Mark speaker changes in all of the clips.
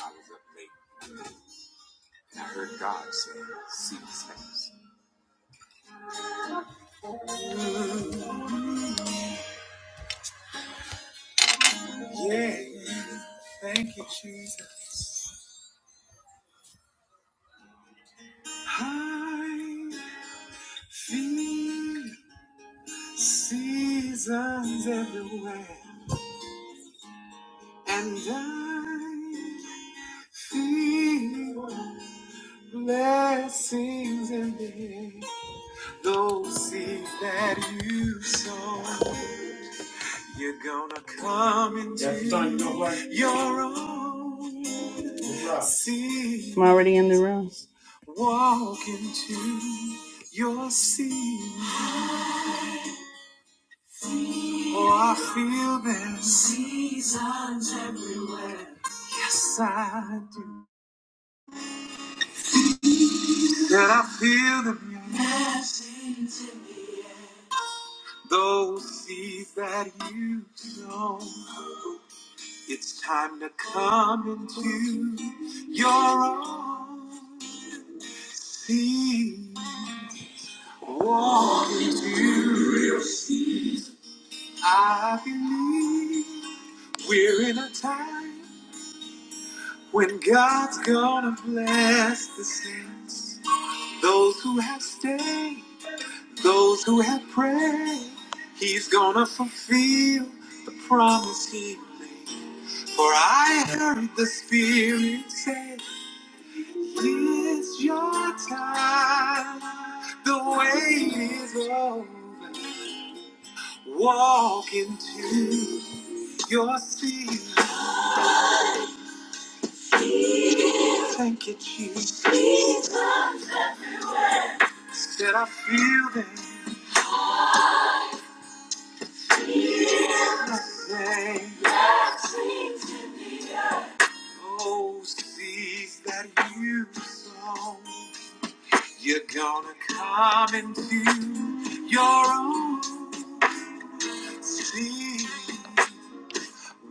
Speaker 1: I was up late and I heard God saying, "See the saints." Yeah, thank you, Jesus. I feel seasons everywhere, and I feel blessings in the air. Those seeds that you sow. You're gonna come into your own. Right. See. I'm already in the room. Walk into your sea. Oh, I feel that. Seasons everywhere. Yes, I do. And I feel them. Those seeds that you sow, it's time to come into your own. See walk what is you. I believe we're in a time when God's gonna bless the saints. Those who have stayed, those who have prayed, He's gonna fulfill the promise He made. For I heard the Spirit say, It's your time, the wait is over. Walk into your seat. Thank you, Jesus. That I feel them the Oh, seas that you sow. You're gonna come into your own sea.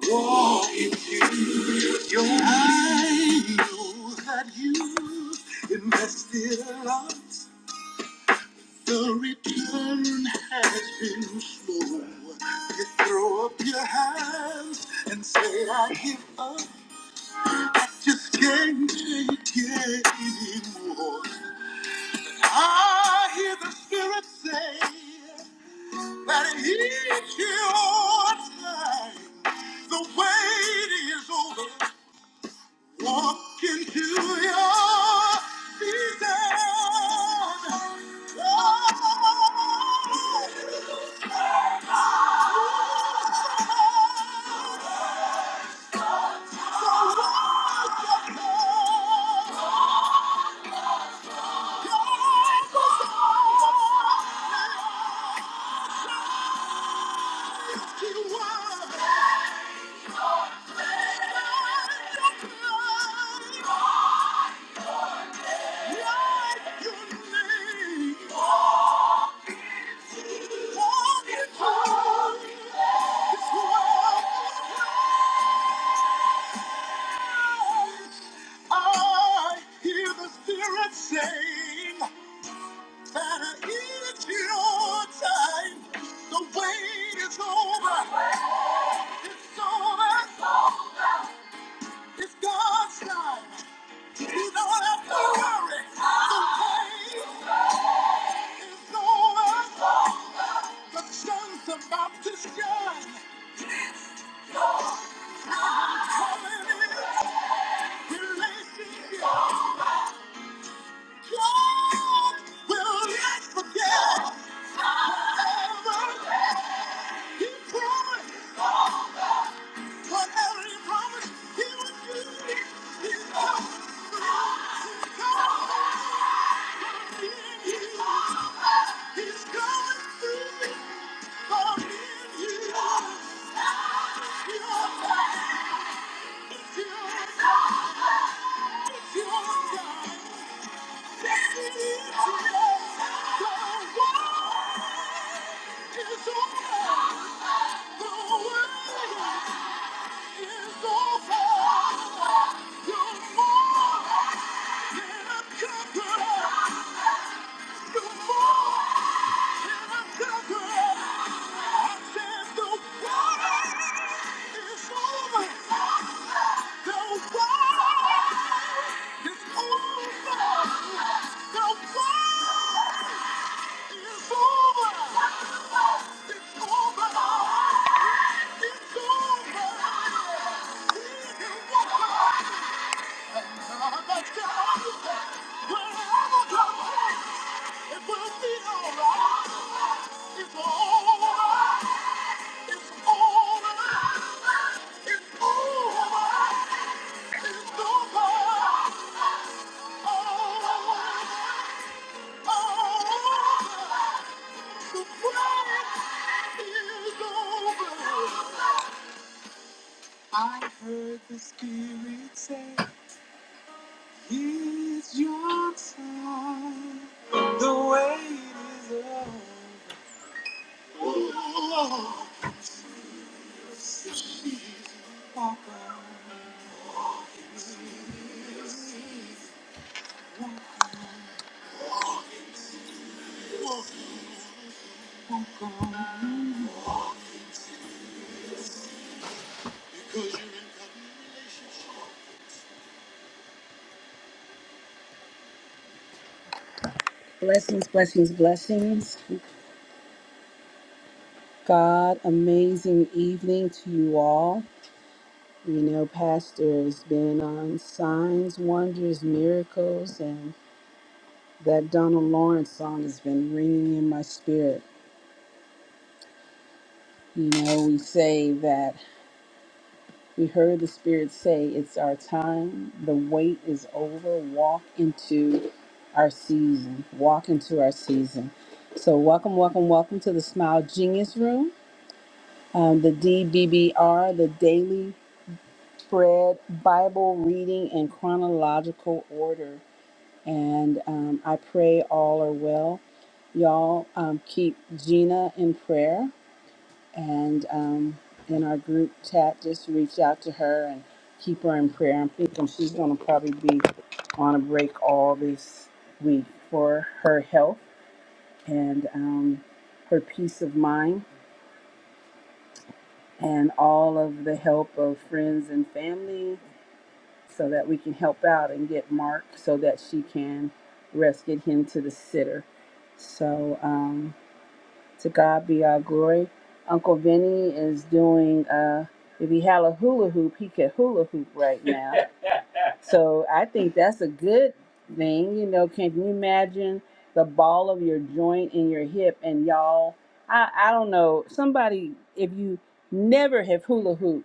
Speaker 1: Walk into your I know that you invested a lot. The return has been slow. You throw up your hands and say, I give up. Just can't take it anymore. I hear the Spirit say that it's your time. The wait is over. Walk into your season. Your name. I hear the Spirit saying that it's your time. The wait is over. It's over. It's God's time. You don't have to worry. The wait is over. The sun's about to shine. And I'm calling it relationship. It's over. The The is over. Oh! It's It's It's over. over. over. Oh, Oh! oh. I heard the spirit say, It's your time. The wait is over. Oh, she's walking. She's walking. Because you're in covenant relationship. Blessings, blessings, blessings. God, amazing evening to you all. You know, Pastor has been on signs, wonders, miracles, and that Donald Lawrence song has been ringing in my spirit. You know, we say that we heard the Spirit say, It's our time, the wait is over, walk into our season, walk into our season. So, welcome, welcome, welcome to the Smile Genius Room, um, the DBBR, the Daily Bread Bible Reading in Chronological Order. and um, I pray all are well. Y'all um, keep Gina in prayer, and um, in our group chat, just reach out to her and keep her in prayer. I'm thinking she's going to probably be on a break all this week for her health and um, her peace of mind and all of the help of friends and family so that we can help out and get Mark so that she can rescue him to the sitter. So um, to God be our glory. Uncle Vinny is doing, uh, if he had a hula hoop, he could hula hoop right now. So I think that's a good thing. You know, can you imagine the ball of your joint in your hip and y'all? I, I don't know. Somebody, if you never have hula hoop,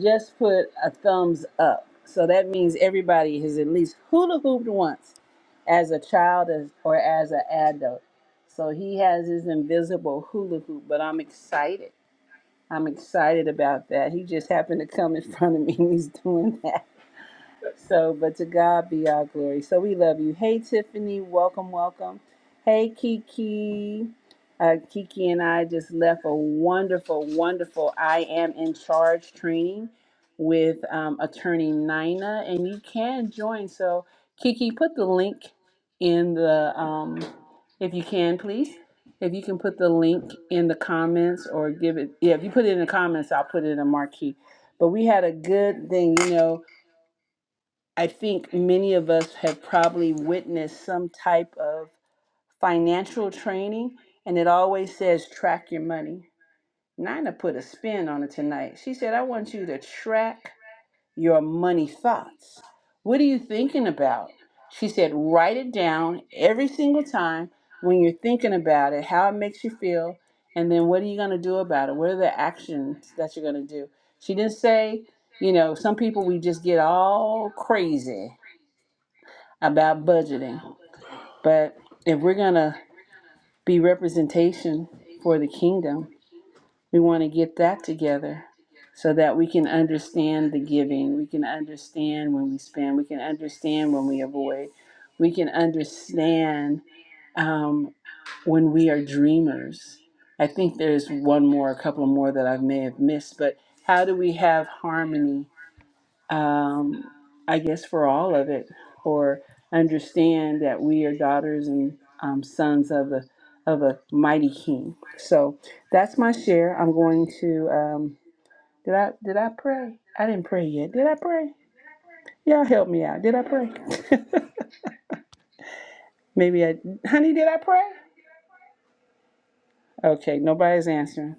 Speaker 1: just put a thumbs up. So that means everybody has at least hula hooped once as a child as- or as an adult. So he has his invisible hula hoop, but I'm excited. I'm excited about that. He just happened to come in front of me and he's doing that. So, but to God be our glory. So we love you. Hey, Tiffany, welcome, welcome. Hey, Kiki. Uh, Kiki and I just left a wonderful, wonderful I am in charge training with um, attorney Nina, and you can join. So, Kiki, put the link in the, um, if you can, please. If you can put the link in the comments or give it, yeah, if you put it in the comments, I'll put it in a marquee. But we had a good thing, you know I think many of us have probably witnessed some type of financial training, and it always says track your money. Nina put a spin on it tonight. She said, I want you to track your money thoughts. What are you thinking about? She said, write it down every single time when you're thinking about it, how it makes you feel, and then what are you going to do about it? What are the actions that you're going to do? She didn't say, you know, some people we just get all crazy about budgeting. But if we're going to be representation for the kingdom, we want to get that together so that we can understand the giving. We can understand when we spend. We can understand when we avoid. We can understand um, when we are dreamers. I think there's one more, a couple more that I may have missed, but how do we have harmony um, I guess, for all of it, for understand that we are daughters and um, sons of the of a mighty King. So that's my share. I'm going to. Um, did I did I pray? I didn't pray yet. Did I pray? Y'all help me out. Did I pray? Maybe I. Honey, did I pray? Okay, nobody's answering.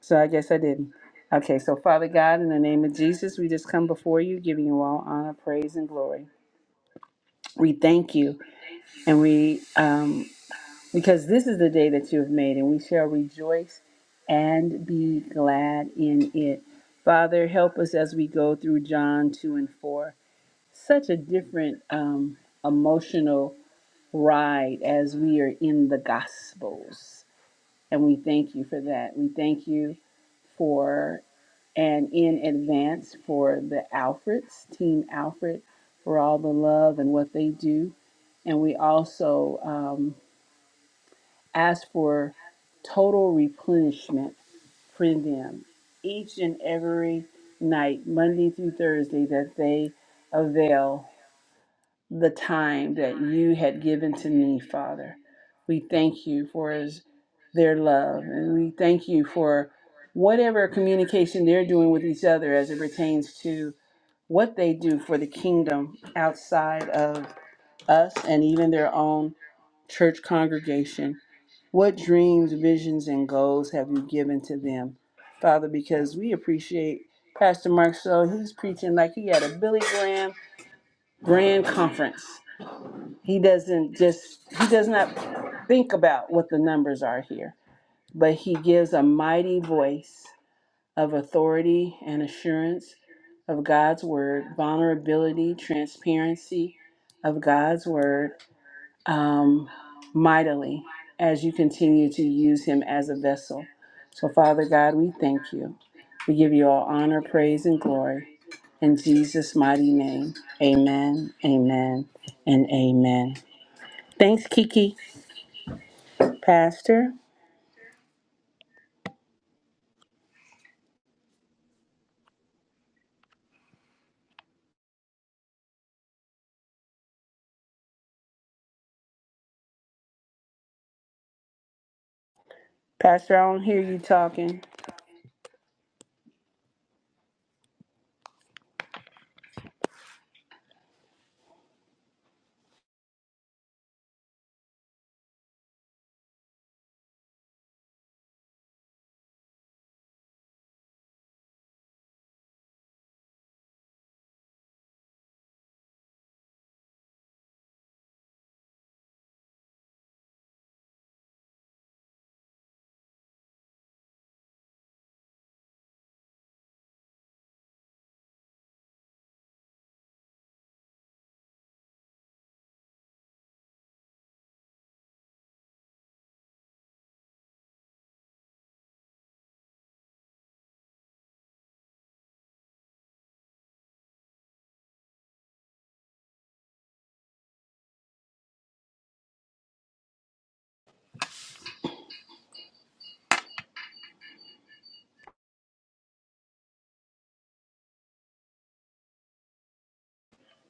Speaker 1: So I guess I didn't. Okay, so Father God, in the name of Jesus, we just come before you, giving you all honor, praise, and glory. We thank you, and we um, because this is the day that you have made, and we shall rejoice and be glad in it. Father, help us as we go through John 2 and 4. Such a different um, emotional ride as we are in the Gospels. And we thank you for that. We thank you for and in advance for the Alfreds, Team Alfred, for all the love and what they do. And we also um, ask for total replenishment for them each and every night, Monday through Thursday, that they avail the time that you had given to me, Father. We thank you for his, their love, and we thank you for whatever communication they're doing with each other as it pertains to what they do for the kingdom outside of us and even their own church congregation. What dreams, visions, and goals have you given to them, Father? Because we appreciate Pastor Mark so He's preaching like he had a Billy Graham grand conference. He doesn't just, he does not think about what the numbers are here, but he gives a mighty voice of authority and assurance of God's word, vulnerability, transparency of God's word, um, mightily as you continue to use him as a vessel. So, Father God, we thank you. We give you all honor, praise, and glory. In Jesus' mighty name, amen, amen, and amen. Thanks, Kiki. Pastor, Pastor, I don't hear you talking.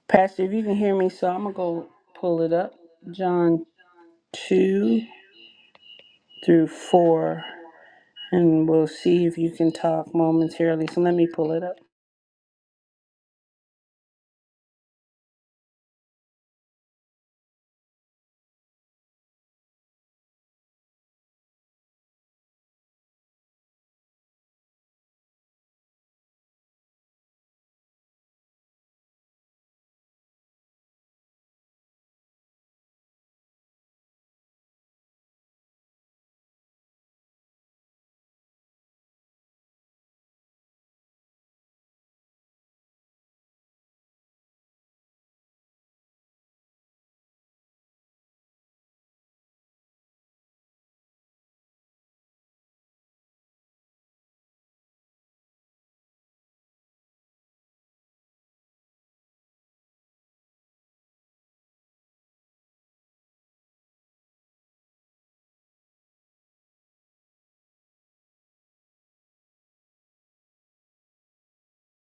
Speaker 1: Pastor, if you can hear me, so I'm going to go pull it up. John 2 through 4. And we'll see if you can talk momentarily. So let me pull it up.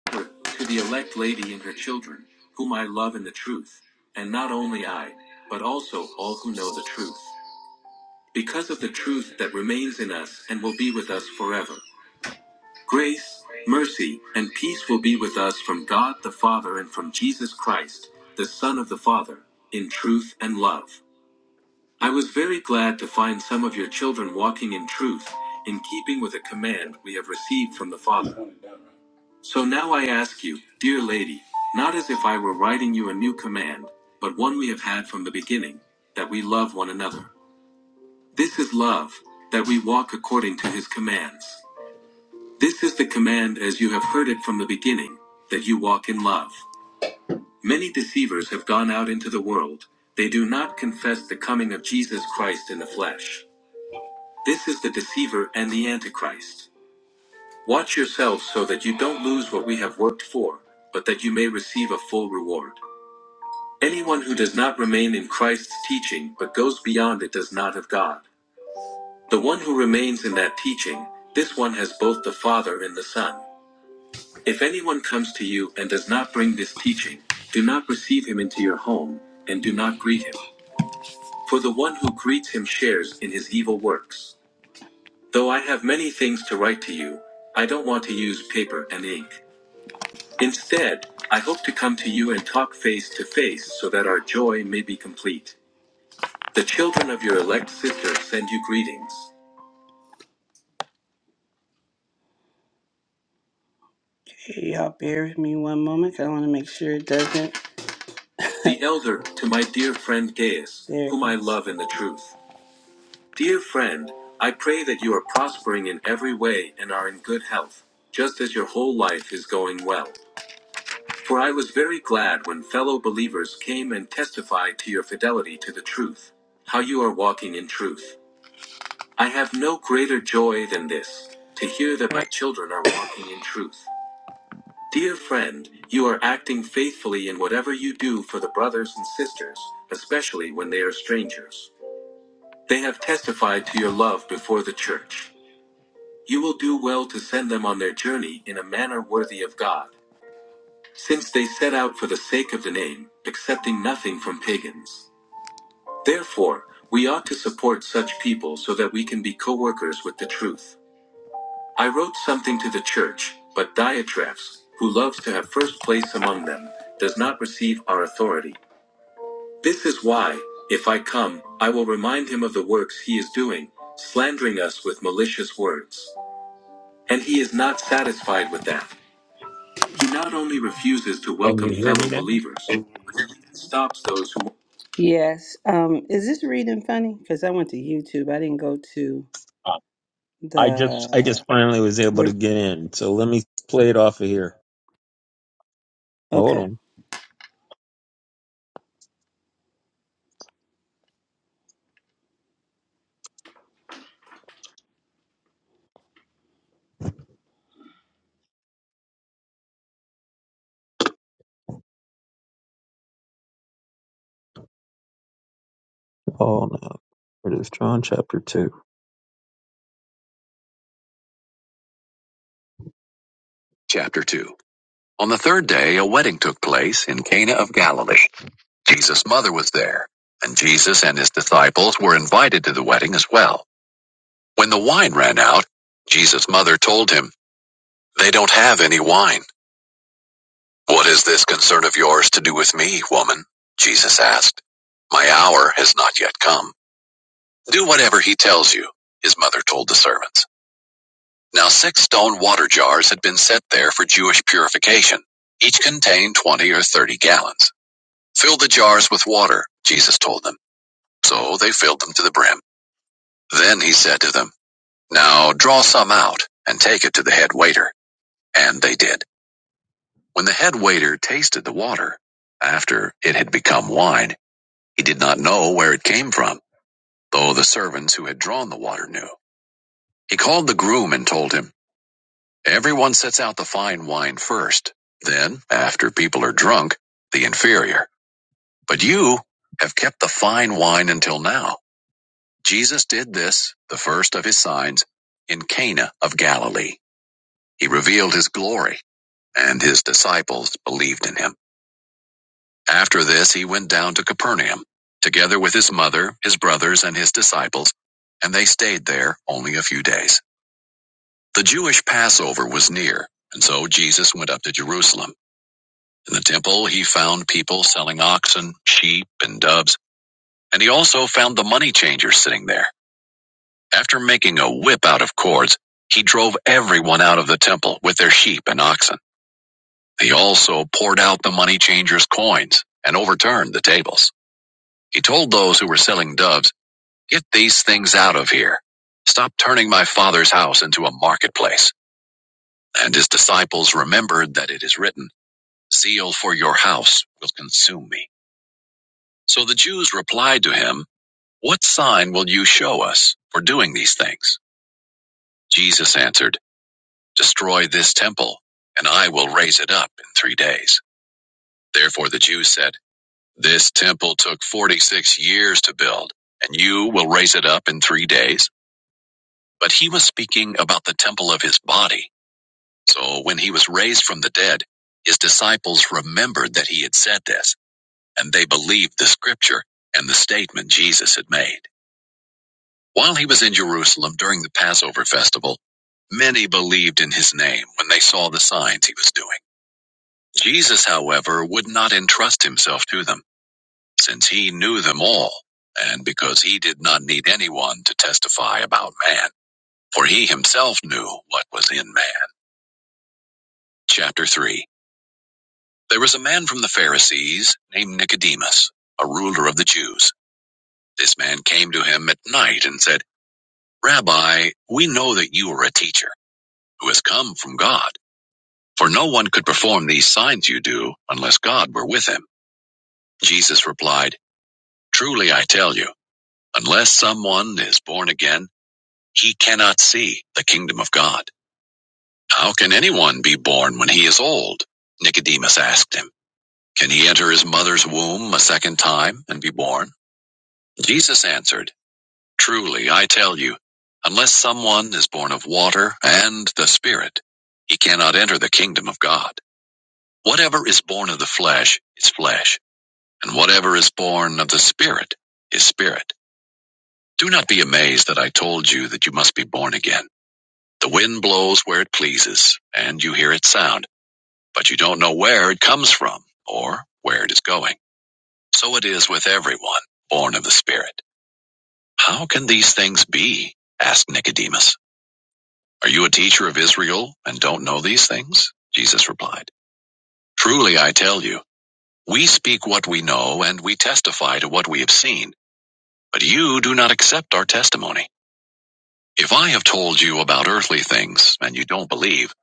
Speaker 1: to the elect lady and her children, whom I love in the truth, and not only I, but also all who know the truth, because of the truth that remains in us and will be with us forever. Grace, mercy, and peace will be with us from God the Father and from Jesus Christ, the Son of the Father, in truth and love. I was very glad to find some of your children walking in truth, in keeping with a command we have received from the Father. So now I ask you, dear lady, not as if I were writing you a new command, but one we have had from the beginning, that we love one another. This is love, that we walk according to his commands. This is the command as you have heard it from the beginning, that you walk in love. Many deceivers have gone out into the world, they do not confess the coming of Jesus Christ in the flesh. This is the deceiver and the antichrist. Watch yourselves so that you don't lose what we have worked for, but that you may receive a full reward. Anyone who does not remain in Christ's teaching but goes beyond it does not have God. The one who remains in that teaching, this one has both the Father and the Son. If anyone comes to you and does not bring this teaching, do not receive him into your home, and do not greet him. For the one who greets him shares in his evil works. Though I have many things to write to you, I don't want to use paper and ink. Instead, I hope to come to you and talk face to face so that our joy may be complete. The children of your elect sister send you greetings. Hey, y'all, bear with me one moment. 'cause I want to make sure it doesn't. the elder to my dear friend Gaius, There it whom I is. love in the truth. Dear friend, I pray that you are prospering in every way and are in good health, just as your whole life is going well. For I was very glad when fellow believers came and testified to your fidelity to the truth, how you are walking in truth. I have no greater joy than this, to hear that my children are walking in truth. Dear friend, you are acting faithfully in whatever you do for the brothers and sisters, especially when they are strangers. They have testified to your love before the church. You will do well to send them on their journey in a manner worthy of God, since they set out for the sake of the name, accepting nothing from pagans. Therefore, we ought to support such people so that we can be co workers with the truth. I wrote something to the church, but Diotrephes, who loves to have first place among them, does not receive our authority. This is why, if I come, I will remind him of the works he is doing, slandering us with malicious words. And he is not satisfied with that. He not only refuses to
Speaker 2: Can you
Speaker 1: welcome
Speaker 2: hear me
Speaker 1: fellow
Speaker 2: now?
Speaker 1: believers, stops those who. Yes. Um, is this reading funny? Because I went to YouTube. I didn't go to
Speaker 2: Uh, I just I
Speaker 1: the.
Speaker 2: just finally was able
Speaker 1: Where,
Speaker 2: to get in. So let me play it off of here. Hold
Speaker 1: okay.
Speaker 2: on. Oh no. It is John chapter two. Chapter 2 On the third day, a wedding took place in Cana of Galilee. Jesus' mother was there, and Jesus and his disciples were invited to the wedding as well. When the wine ran out, Jesus' mother told him, They don't have any wine. What is this concern of yours to do with me, woman? Jesus asked. My hour has not yet come. Do whatever he tells you, his mother told the servants. Now six stone water jars had been set there for Jewish purification. Each contained 20 or 30 gallons. Fill the jars with water, Jesus told them. So they filled them to the brim. Then he said to them, Now draw some out and take it to the head waiter. And they did. When the head waiter tasted the water, after it had become wine, he did not know where it came from, though the servants who had drawn the water knew. He called the groom and told him, Everyone sets out the fine wine first. Then, after people are drunk, the inferior. But you have kept the fine wine until now. Jesus did this, the first of his signs, in Cana of Galilee. He revealed his glory, and his disciples believed in him. After this, he went down to Capernaum, together with his mother, his brothers, and his disciples, and they stayed there only a few days. The Jewish Passover was near, and so Jesus went up to Jerusalem. In the temple, he found people selling oxen, sheep, and doves, and he also found the money changer sitting there. After making a whip out of cords, he drove everyone out of the temple with their sheep and oxen. He also poured out the money changer's coins and overturned the tables. He told those who were selling doves, Get these things out of here. Stop turning my father's house into a marketplace. And his disciples remembered that it is written, Zeal for your house will consume me. So the Jews replied to him, What sign will you show us for doing these things? Jesus answered, Destroy this temple, and I will raise it up in three days. Therefore the Jews said, This temple took 46 years to build, and you will raise it up in three days? But he was speaking about the temple of his body. So when he was raised from the dead, his disciples remembered that he had said this, and they believed the scripture and the statement Jesus had made. While he was in Jerusalem during the Passover festival, many believed in his name when they saw the signs he was doing. Jesus, however, would not entrust himself to them, since he knew them all, and because he did not need anyone to testify about man, for he himself knew what was in man. Chapter 3 There was a man from the Pharisees named Nicodemus, a ruler of the Jews. This man came to him at night and said, Rabbi, we know that you are a teacher who has come from God. For no one could perform these signs you do unless God were with him. Jesus replied, Truly I tell you, unless someone is born again, he cannot see the kingdom of God. How can anyone be born when he is old? Nicodemus asked him, Can he enter his mother's womb a second time and be born? Jesus answered, Truly I tell you, unless someone is born of water and the Spirit, he cannot enter the kingdom of God. Whatever is born of the flesh is flesh And whatever is born of the Spirit is spirit. Do not be amazed that I told you that you must be born again. The wind blows where it pleases, and you hear its sound, but you don't know where it comes from or where it is going. So it is with everyone born of the Spirit. How can these things be? asked Nicodemus. Are you a teacher of Israel and don't know these things? Jesus replied. Truly I tell you, we speak what we know and we testify to what we have seen, but you do not accept our testimony. If I have told you about earthly things and you don't believe,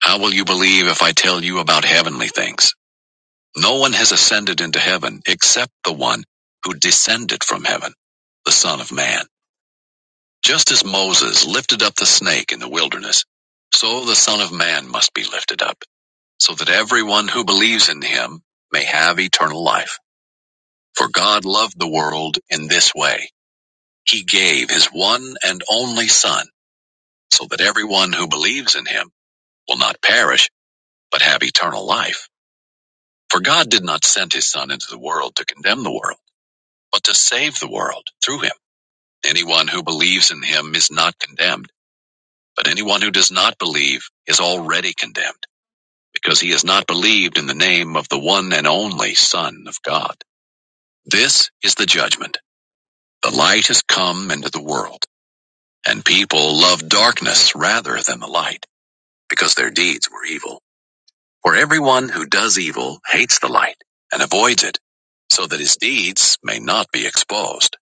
Speaker 2: how will you believe if I tell you about heavenly things? No one has ascended into heaven except the one who descended from heaven, the Son of Man. Just as Moses lifted up the snake in the wilderness, so the Son of Man must be lifted up, so that everyone who believes in him may have eternal life. For God loved the world in this way. He gave his one and only Son, so that everyone who believes in him will not perish, but have eternal life. For God did not send his Son into the world to condemn the world, but to save the world through him. Anyone who believes in him is not condemned, but anyone who does not believe is already condemned, because he has not believed in the name of the one and only Son of God. This is the judgment. The light has come into the world, and people love darkness rather than the light, because their deeds were evil. For everyone who does evil hates the light and avoids it, so that his deeds may not be exposed.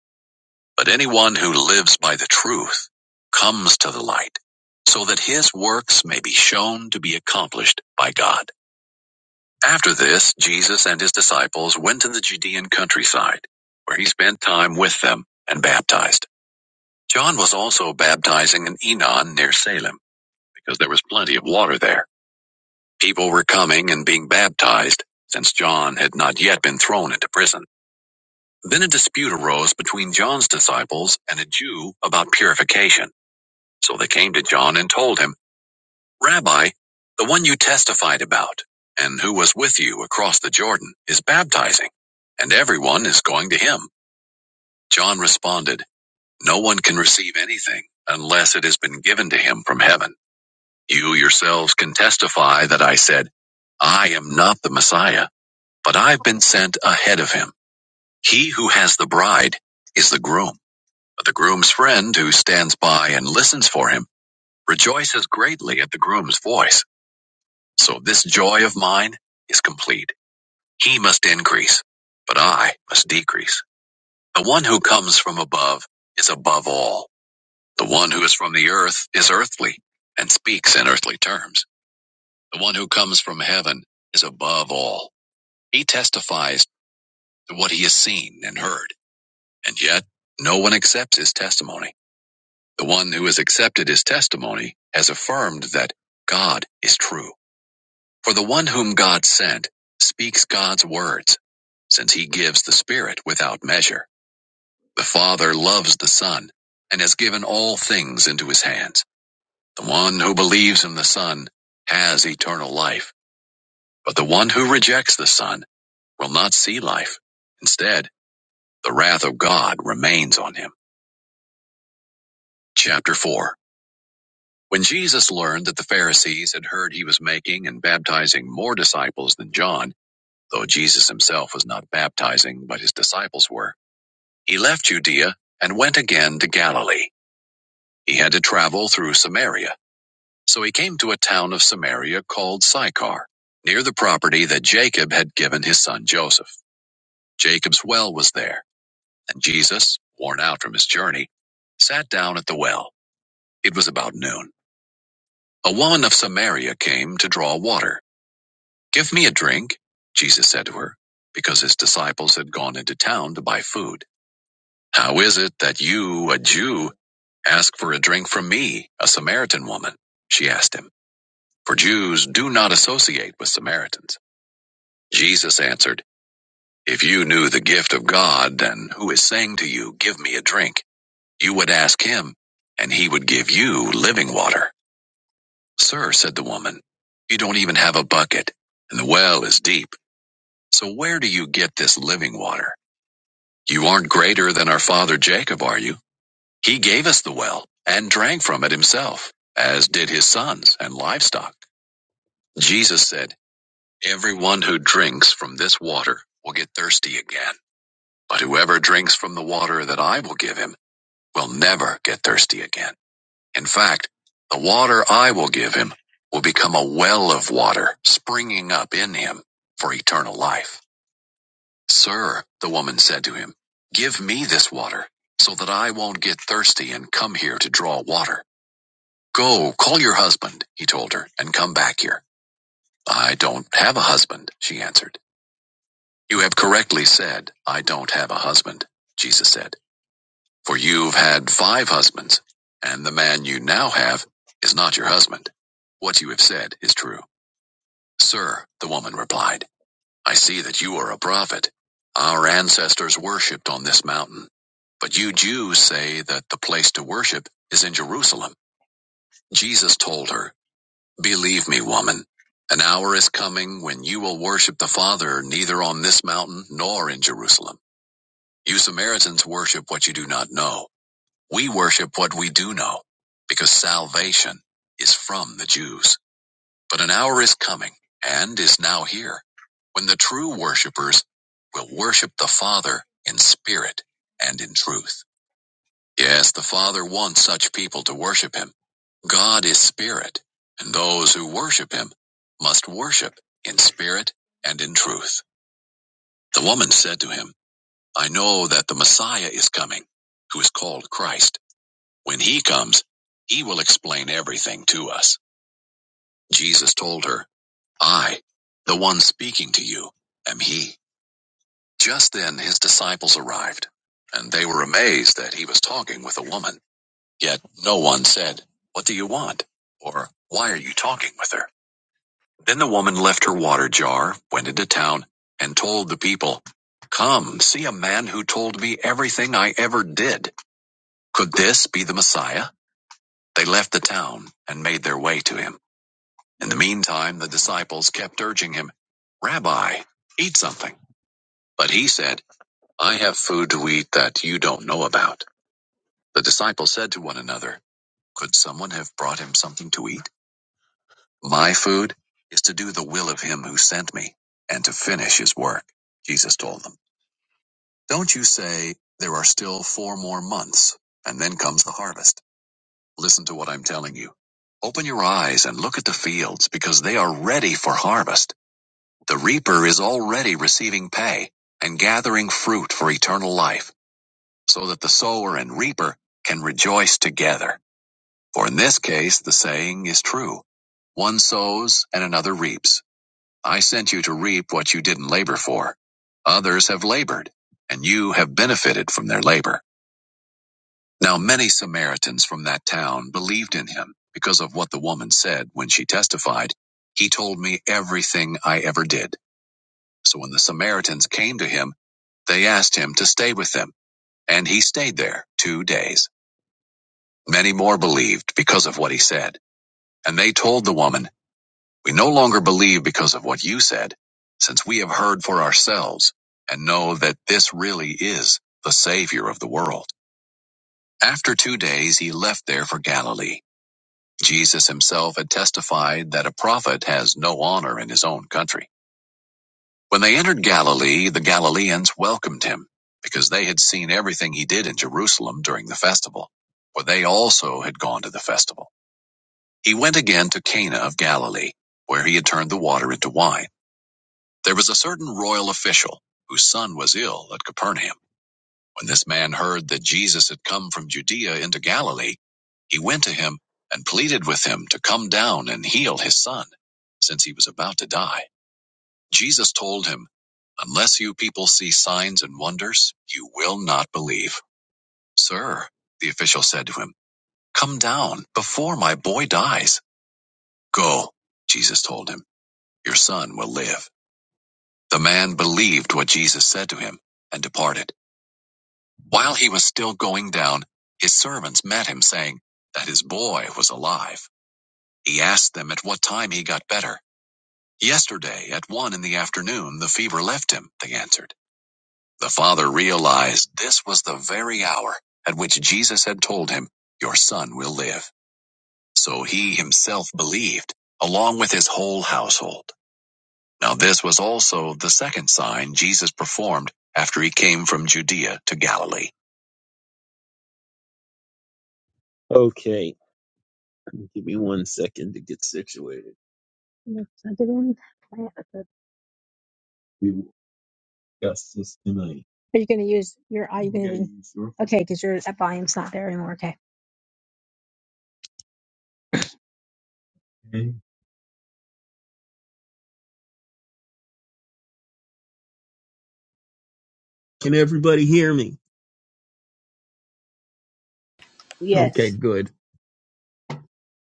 Speaker 2: But anyone who lives by the truth comes to the light, so that his works may be shown to be accomplished by God. After this, Jesus and his disciples went to the Judean countryside, where he spent time with them and baptized. John was also baptizing in Enon near Salem, because there was plenty of water there. People were coming and being baptized, since John had not yet been thrown into prison. Then a dispute arose between John's disciples and a Jew about purification. So they came to John and told him, Rabbi, the one you testified about, and who was with you across the Jordan, is baptizing, and everyone is going to him. John responded, No one can receive anything unless it has been given to him from heaven. You yourselves can testify that I said, 'I am not the Messiah But I've been sent ahead of him. He who has the bride is the groom. But the groom's friend who stands by and listens for him rejoices greatly at the groom's voice. So this joy of mine is complete. He must increase, but I must decrease. The one who comes from above is above all. The one who is from the earth is earthly and speaks in earthly terms. The one who comes from heaven is above all. He testifies to what he has seen and heard And yet, no one accepts his testimony. The one who has accepted his testimony has affirmed that God is true. For the one whom God sent speaks God's words, since he gives the Spirit without measure. The Father loves the Son and has given all things into his hands. The one who believes in the Son has eternal life, but the one who rejects the Son will not see life. Instead, the wrath of God remains on him. Chapter 4 When Jesus learned that the Pharisees had heard he was making and baptizing more disciples than John, though Jesus himself was not baptizing, but his disciples were, he left Judea and went again to Galilee. He had to travel through Samaria, so he came to a town of Samaria called Sychar, near the property that Jacob had given his son Joseph. Jacob's well was there, and Jesus, worn out from his journey, sat down at the well. It was about noon. A woman of Samaria came to draw water. Give me a drink, Jesus said to her, because his disciples had gone into town to buy food. How is it that you, a Jew, ask for a drink from me, a Samaritan woman? She asked him, for Jews do not associate with Samaritans. Jesus answered, If you knew the gift of God and who is saying to you, Give me a drink, you would ask him, and he would give you living water. Sir, said the woman, you don't even have a bucket, and the well is deep. So where do you get this living water? You aren't greater than our father Jacob, are you? He gave us the well and drank from it himself, as did his sons and livestock. Jesus said, Everyone who drinks from this water will get thirsty again. But whoever drinks from the water that I will give him will never get thirsty again. In fact, the water I will give him will become a well of water springing up in him for eternal life. Sir, the woman said to him, give me this water so that I won't get thirsty and come here to draw water. Go, call your husband, he told her, and come back here. I don't have a husband, she answered. You have correctly said, I don't have a husband, Jesus said, for you've had five husbands, and the man you now have is not your husband. What you have said is true. Sir, the woman replied. I see that you are a prophet. Our ancestors worshipped on this mountain. But you Jews say that the place to worship is in Jerusalem. Jesus told her, Believe me, woman, an hour is coming when you will worship the Father neither on this mountain nor in Jerusalem. You Samaritans worship what you do not know. We worship what we do know, because salvation is from the Jews. But an hour is coming, and is now here, when the true worshipers will worship the Father in spirit and in truth. Yes, the Father wants such people to worship Him. God is spirit, and those who worship Him must worship in spirit and in truth. The woman said to him, I know that the Messiah is coming, who is called Christ. When He comes, He will explain everything to us. Jesus told her, I, the one speaking to you, am he. Just then his disciples arrived, and they were amazed that he was talking with a woman. Yet no one said, What do you want? Or, Why are you talking with her? Then the woman left her water jar, went into town, and told the people, Come, see a man who told me everything I ever did. Could this be the Messiah? They left the town and made their way to him. In the meantime, the disciples kept urging him, Rabbi, eat something. But he said, I have food to eat that you don't know about. The disciples said to one another, Could someone have brought him something to eat? My food is to do the will of him who sent me and to finish his work. Jesus told them, Don't you say, There are still four more months, and then comes the harvest. Listen to what I'm telling you. Open your eyes and look at the fields, because they are ready for harvest. The reaper is already receiving pay and gathering fruit for eternal life so that the sower and reaper can rejoice together. For in this case, the saying is true. One sows and another reaps. I sent you to reap what you didn't labor for. Others have labored, and you have benefited from their labor. Now many Samaritans from that town believed in him because of what the woman said when she testified, He told me everything I ever did. So when the Samaritans came to him, they asked him to stay with them, and he stayed there two days. Many more believed because of what he said, and they told the woman, We no longer believe because of what you said, since we have heard for ourselves and know that this really is the Savior of the world. After two days, he left there for Galilee. Jesus himself had testified that a prophet has no honor in his own country. When they entered Galilee, the Galileans welcomed him because they had seen everything he did in Jerusalem during the festival, for they also had gone to the festival. He went again to Cana of Galilee, where he had turned the water into wine. There was a certain royal official whose son was ill at Capernaum. When this man heard that Jesus had come from Judea into Galilee, he went to him and pleaded with him to come down and heal his son, since he was about to die. Jesus told him, Unless you people see signs and wonders, you will not believe. Sir, the official said to him, Come down before my boy dies. Go, Jesus told him. Your son will live. The man believed what Jesus said to him and departed. While he was still going down, his servants met him, saying that his boy was alive. He asked them at what time he got better. Yesterday, at one in the afternoon, the fever left him, they answered. The father realized this was the very hour at which Jesus had told him, Your son will live. So he himself believed, along with his whole household. Now this was also the second sign Jesus performed after he came from Judea to Galilee. Okay, give me one second to get situated. Yes, I didn't plan it, We will discuss this tonight. Are you going to use your? Are you going Okay, to? sure? Okay, because your that volume's not there anymore. Okay. Okay. Can everybody hear me? Okay,
Speaker 1: Yes.
Speaker 2: good.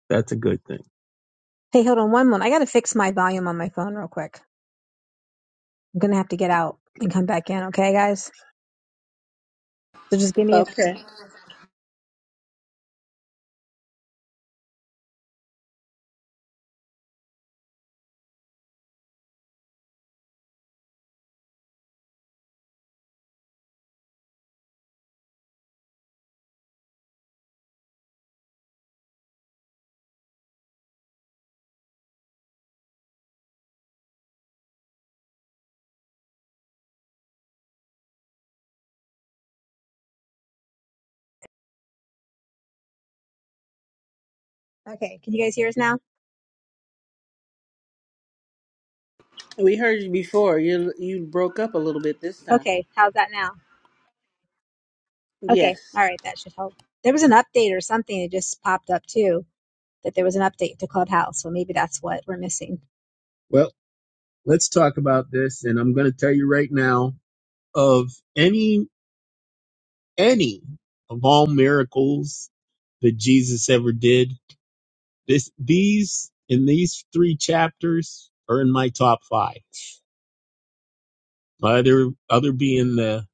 Speaker 2: That's a good thing. Hey, hold on one moment. I got to fix my volume on my phone real quick. I'm going to have to get out and come back in. Okay, guys. So just give me a.
Speaker 1: Okay.
Speaker 2: Okay, can you guys hear us now?
Speaker 1: We heard you before. You you broke up a little bit this time.
Speaker 2: Okay, how's that now? Okay,
Speaker 1: Yes.
Speaker 2: all right, that should help. There was an update or something that just popped up too, that there was an update to Clubhouse. So maybe that's what we're missing. Well, let's talk about this, and I'm going to tell you right now of any any of all miracles that Jesus ever did, this these in these three chapters are in my top five. Other other being the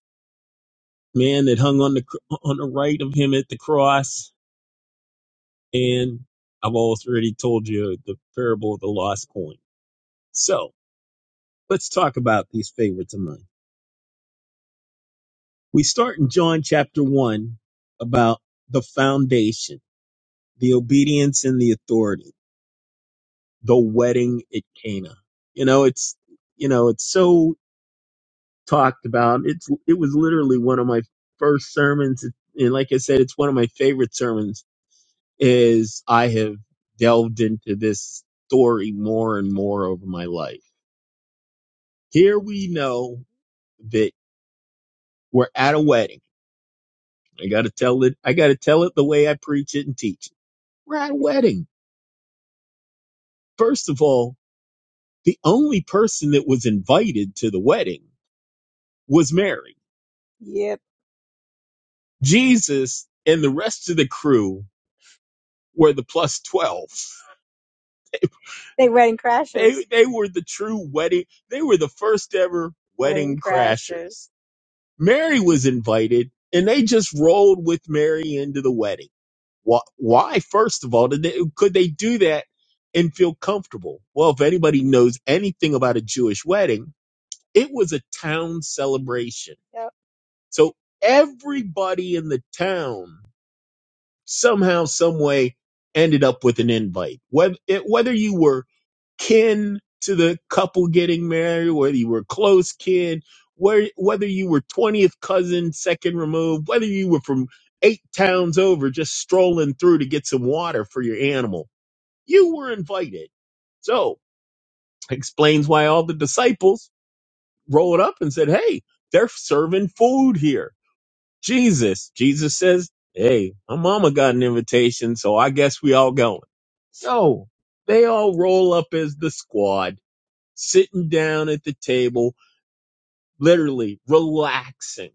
Speaker 2: man that hung on the cr- on the right of him at the cross, And I've already told you the parable of the lost coin. So let's talk about these favorites of mine. We start in John chapter one about the foundation, the obedience and the authority, the wedding at Cana. You know, it's, you know, it's so talked about. It's, it was literally one of my first sermons. And like I said, it's one of my favorite sermons as I have delved into this story more and more over my life Here we know that we're at a wedding. I gotta tell it, I gotta tell it the way I preach it and teach it. We're at a wedding. First of all, the only person that was invited to the wedding was Mary. Yep. Jesus and the rest of the crew were the plus 12. They wedding They, crashers. they they were the true wedding. They were the first ever Wedding wedding crashers. crashers. Mary was invited, and they just rolled with Mary into the wedding. Why? why first of all, did they, could they do that and feel comfortable? Well, if anybody knows anything about a Jewish wedding, it was a town celebration. Yep. So everybody in the town somehow, some way, ended up with an invite. Whether it, whether you were kin to the couple getting married, whether you were close kin, where, whether you were 20th cousin, second removed, whether you were from eight towns over just strolling through to get some water for your animal, you were invited. So explains why all the disciples rolled up and said, Hey, they're serving food here. Jesus, Jesus says, Hey, my mama got an invitation, so I guess we all going. So they all roll up as the squad sitting down at the table, literally relaxing,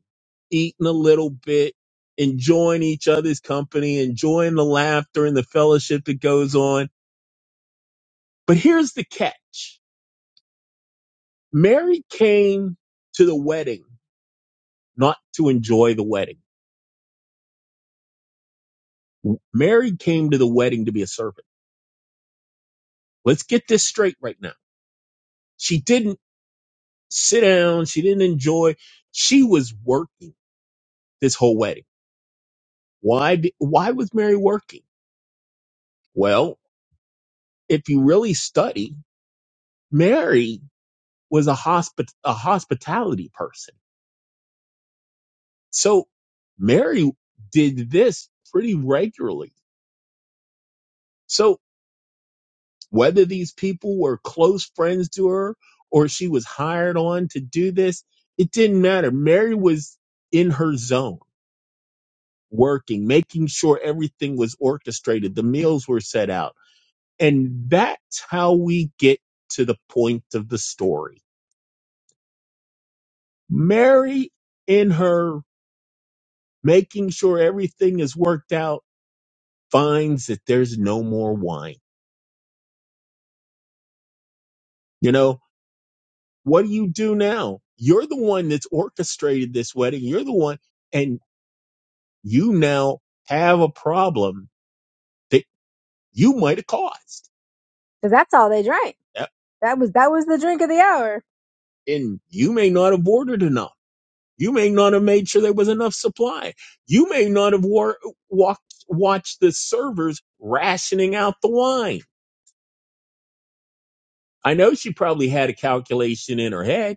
Speaker 2: eating a little bit, enjoying each other's company, enjoying the laughter and the fellowship that goes on. But here's the catch. Mary came to the wedding not to enjoy the wedding. Mary came to the wedding to be a servant. Let's get this straight right now. She didn't sit down. She didn't enjoy. She was working this whole wedding. Why? be- Why was Mary working? Well, if you really study, Mary was a hospi- a hospitality person. So Mary did this pretty regularly. So whether these people were close friends to her or she was hired on to do this, it didn't matter. Mary was in her zone working, making sure everything was orchestrated, the meals were set out. And that's how we get to the point of the story. Mary in her making sure everything is worked out, finds that there's no more wine. You know, what do you do now? You're the one that's orchestrated this wedding. You're the one, and you now have a problem that you might have caused. because that's all they drank. Yep. That was that was the drink of the hour. And you may not have ordered enough. You may not have made sure there was enough supply. You may not have war- walked, watched the servers rationing out the wine. I know she probably had a calculation in her head.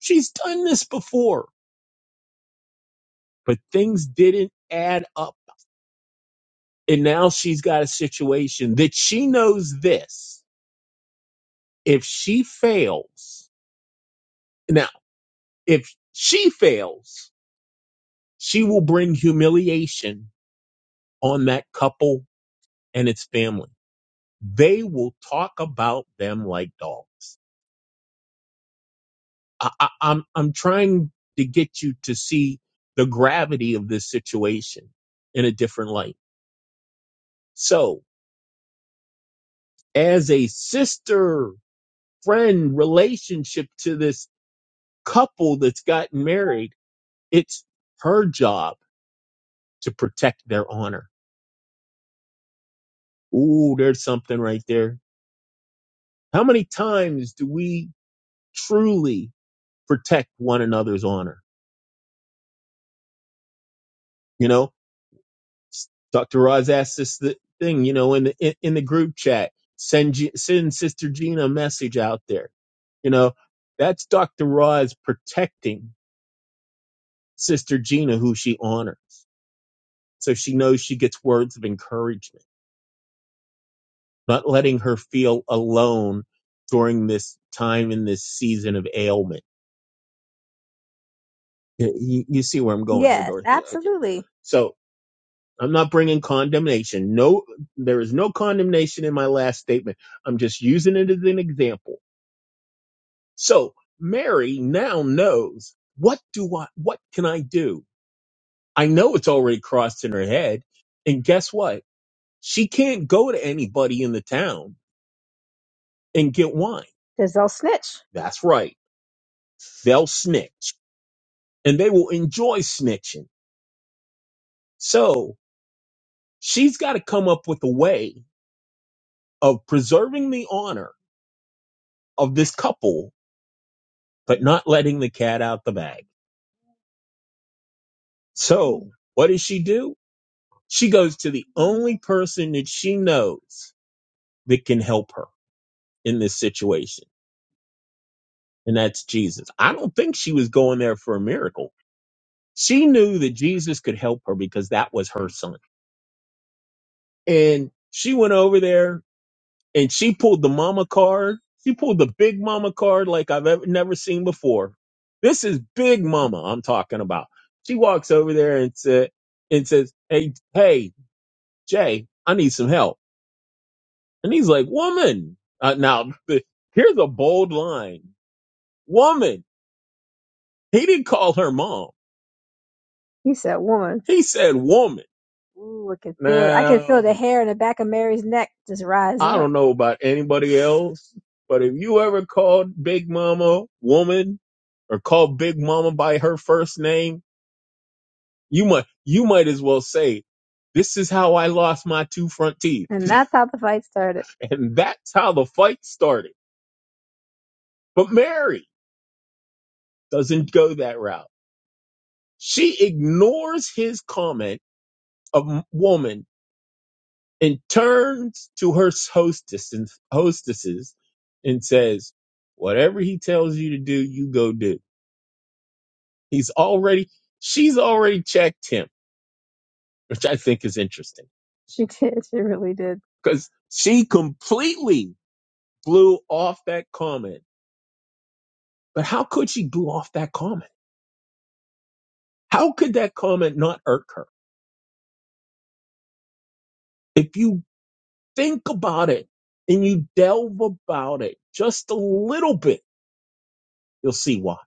Speaker 2: She's done this before, but things didn't add up. And now she's got a situation that she knows this. If she fails, now, if she fails, she will bring humiliation on that couple and its family. They will talk about them like dogs. I, I, I'm, I'm trying to get you to see the gravity of this situation in a different light. So, as a sister friend relationship to this couple that's gotten married, it's her job to protect their honor. Ooh, there's something right there. How many times do we truly protect one another's honor? You know, S- Dr. Roz asked this th- thing, you know, in the in, in the group chat, send G- send Sister Gina a message out there. You know, that's Dr. Roz protecting Sister Gina, who she honors. So she knows she gets words of encouragement, not letting her feel alone during this time in this season of ailment. You, you see where I'm going here, Yes, Dorothy. Okay. absolutely. Okay. So I'm not bringing condemnation. No, there is no condemnation in my last statement. I'm just using it as an example. So Mary now knows what do I, what can I do? I know it's already crossed in her head. And guess what? She can't go to anybody in the town and get wine. because they'll snitch. That's right. They'll snitch and they will enjoy snitching. So she's got to come up with a way of preserving the honor of this couple, but not letting the cat out the bag. So what does she do? She goes to the only person that she knows that can help her in this situation. And that's Jesus. I don't think she was going there for a miracle. She knew that Jesus could help her because that was her son. And she went over there and she pulled the mama card. She pulled the big mama card like I've ever never seen before. This is big mama I'm talking about. She walks over there and said and says, "Hey, hey, Jay, I need some help." And he's like, "Woman." Uh, now, the, here's a bold line. "Woman." He didn't call her mom. He said, woman. He said woman. Ooh, I can feel it. I can feel Now, the hair in the back of Mary's neck just rising I up. don't know about anybody else, but if you ever called Big Mama woman or called Big Mama by her first name, you might you might as well say, "This is how I lost my two front teeth," And that's how the fight started. and that's how the fight started. But Mary doesn't go that route. She ignores his comment of woman and turns to her hostess and hostesses and says, "Whatever he tells you to do, you go do." He's already she's already checked him, which I think is interesting She did. She really did. because she completely blew off that comment. But how could she blew off that comment? How could that comment not irk her? If you think about it and you delve about it just a little bit, you'll see why.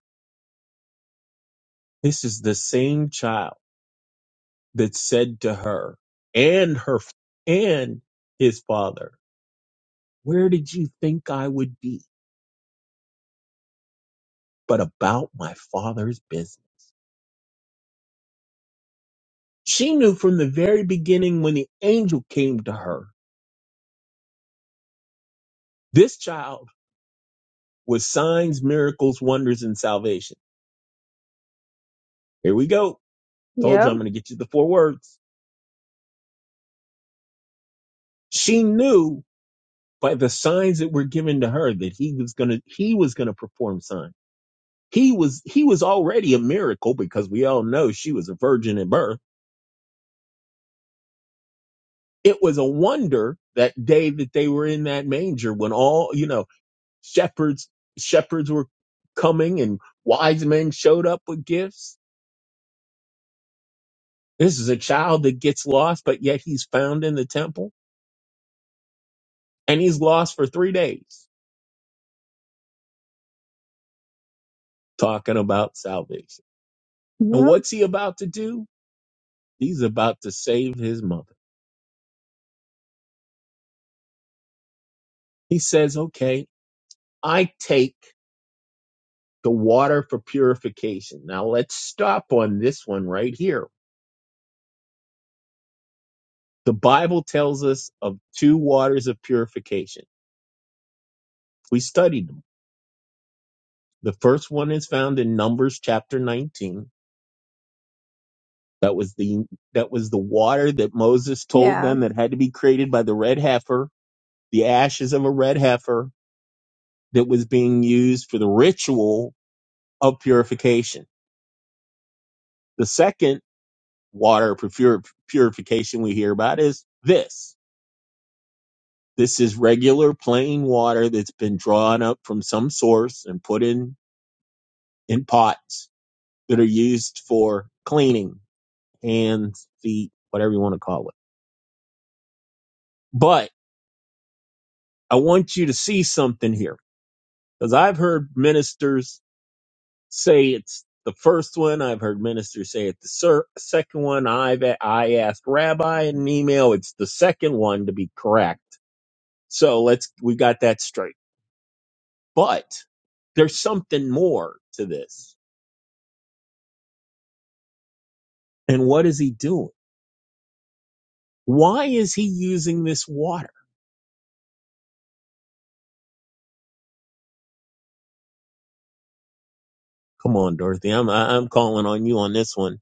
Speaker 2: This is the same child that said to her and her and his father, Where did you think I would be but about my father's business? She knew from the very beginning when the angel came to her, this child was signs, miracles, wonders, and salvation. Here we go. Told you Yep. I'm going to get you the four words. She knew by the signs that were given to her that he was going to, he was going to perform signs. He was, he was already a miracle because we all know she was a virgin at birth it was a wonder that day that they were in that manger when all you know shepherds shepherds were coming and wise men showed up with gifts this is a child that gets lost but yet he's found in the temple and he's lost for three days talking about salvation and Yep. what's he about to do he's about to save his mother he says okay i take the water for purification now let's stop on this one right here The Bible tells us of two waters of purification. We studied them. The first one is found in Numbers chapter 19. That was the that was the water that Moses told Yeah. them that had to be created by the red heifer, the ashes of a red heifer that was being used for the ritual of purification. The second water of pur- purification we hear about is this. This is regular plain water that's been drawn up from some source and put in in pots that are used for cleaning hands, feet, whatever you want to call it. But I want you to see something here because I've heard ministers say it's the first one. I've heard ministers say it's the ser- second one. I've a- I asked Rabbi in an email. It's the second one to be correct. So let's we got that straight. But there's something more to this. And what is he doing? Why is he using this water? Come on, Dorothy. I'm I- I'm calling on you on this one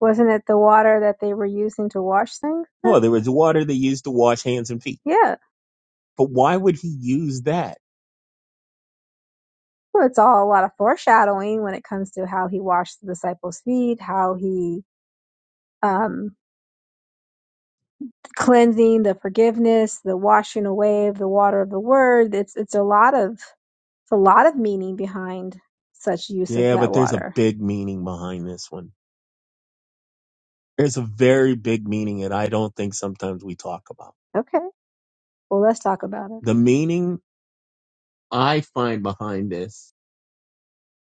Speaker 2: Wasn't it the water that they were using to wash things Well, there was water they used to wash hands and feet. Yeah. But why would he use that? Well, it's all a lot of foreshadowing when it comes to how he washed the disciples' feet, how he um cleansing, the forgiveness, the washing away of the water of the word. It's it's a lot of it's a lot of meaning behind such use of Yeah, that but there's a water. big meaning behind this one. There's a very big meaning, and I don't think sometimes we talk about. Okay. Well, let's talk about it. The meaning I find behind this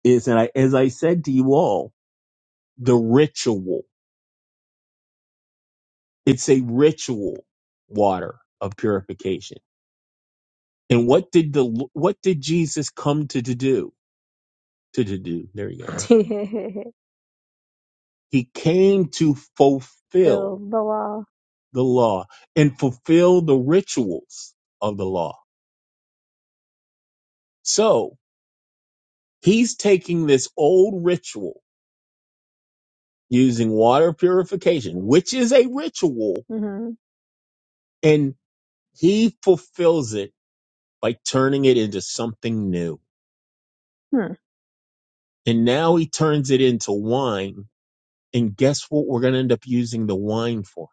Speaker 2: is that I, as I said to you all, the ritual. It's a ritual water of purification. And what did the, what did Jesus come to, to do? To, to do. There you go. He came to fulfill Fill the law. the law and fulfill the rituals of the law. So he's taking this old ritual using water purification, which is a ritual, hmm and he fulfills it by turning it into something new. Hmm. And now he turns it into wine. And guess what we're going to end up using the wine for?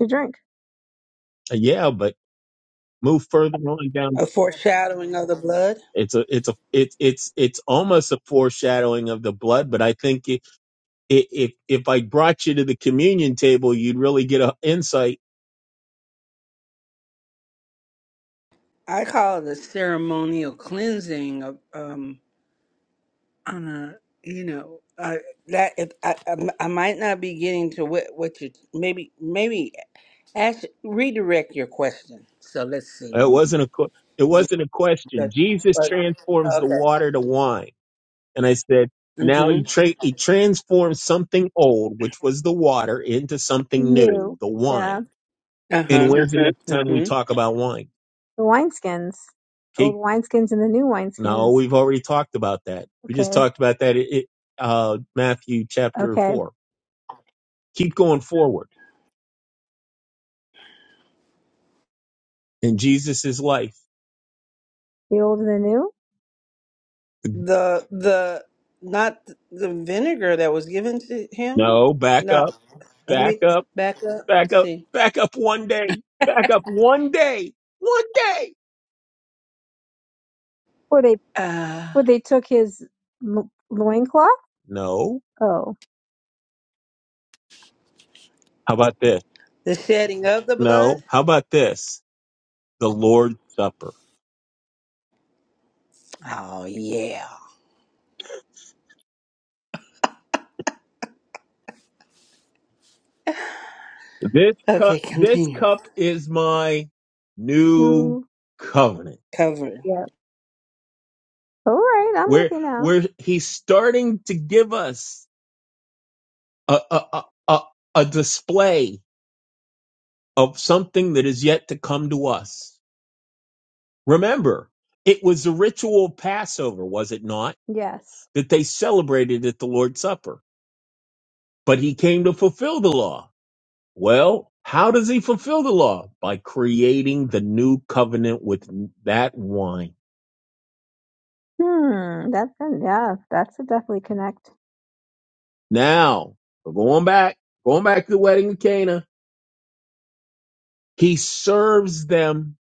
Speaker 2: To drink. Uh, Yeah, but move further on down.
Speaker 1: A foreshadowing of the blood.
Speaker 2: It's a, it's a, it's, it's, it's almost a foreshadowing of the blood. But I think if, if, if I brought you to the communion table, you'd really get an insight
Speaker 1: I call it a ceremonial cleansing of um on a you know uh, that if I, I I might not be getting to what what you maybe maybe ask redirect your question. So let's see.
Speaker 2: It
Speaker 1: We can
Speaker 2: wasn't a que- it
Speaker 1: get
Speaker 2: wasn't a question.
Speaker 1: that.
Speaker 2: Jesus
Speaker 1: but-
Speaker 2: transforms the
Speaker 1: Okay.
Speaker 2: water to wine, and I said, now he
Speaker 1: Mhm.
Speaker 2: tra- he transforms something old, which was the water, into something new, New. the Yeah. wine.
Speaker 1: Uh
Speaker 2: Yeah. And
Speaker 1: huh.
Speaker 2: when's the next time we
Speaker 1: Mhm.
Speaker 2: talk about wine? The wineskins. Old Keep wineskins and the new no, wineskins. we've already talked about that. We just Okay. talked about that in in, uh, Matthew chapter Okay. four. Keep going forward in Jesus' life. The old and the new?
Speaker 1: The the not the vinegar that was given to him.
Speaker 2: No, back
Speaker 1: Not
Speaker 2: up,
Speaker 1: let
Speaker 2: back
Speaker 1: me
Speaker 2: up.
Speaker 1: back up.
Speaker 2: Back
Speaker 1: Let's
Speaker 2: up,
Speaker 1: see.
Speaker 2: back up one day, back up one day, one day. Or they
Speaker 1: Uh
Speaker 2: or they took his lo- loincloth? No. Oh. How about this?
Speaker 1: the shedding of the blood.
Speaker 2: No. How about this? The Lord's Supper.
Speaker 1: Oh yeah.
Speaker 2: This cup,
Speaker 1: Okay,
Speaker 2: this
Speaker 1: continue.
Speaker 2: cup is my new New covenant.
Speaker 1: Covered.
Speaker 2: yeah. All right, I'm Where, looking now. where he's starting to give us a, a, a, a, a display of something that is yet to come to us. Remember, it was a ritual Passover, was it not, Yes. that they celebrated at the Lord's Supper? But he came to fulfill the law. Well, how does he fulfill the law? By creating the new covenant with that wine. Hmm. That's yeah. That's a definitely connect. Now, we're going back, going back to the wedding of Cana, he serves them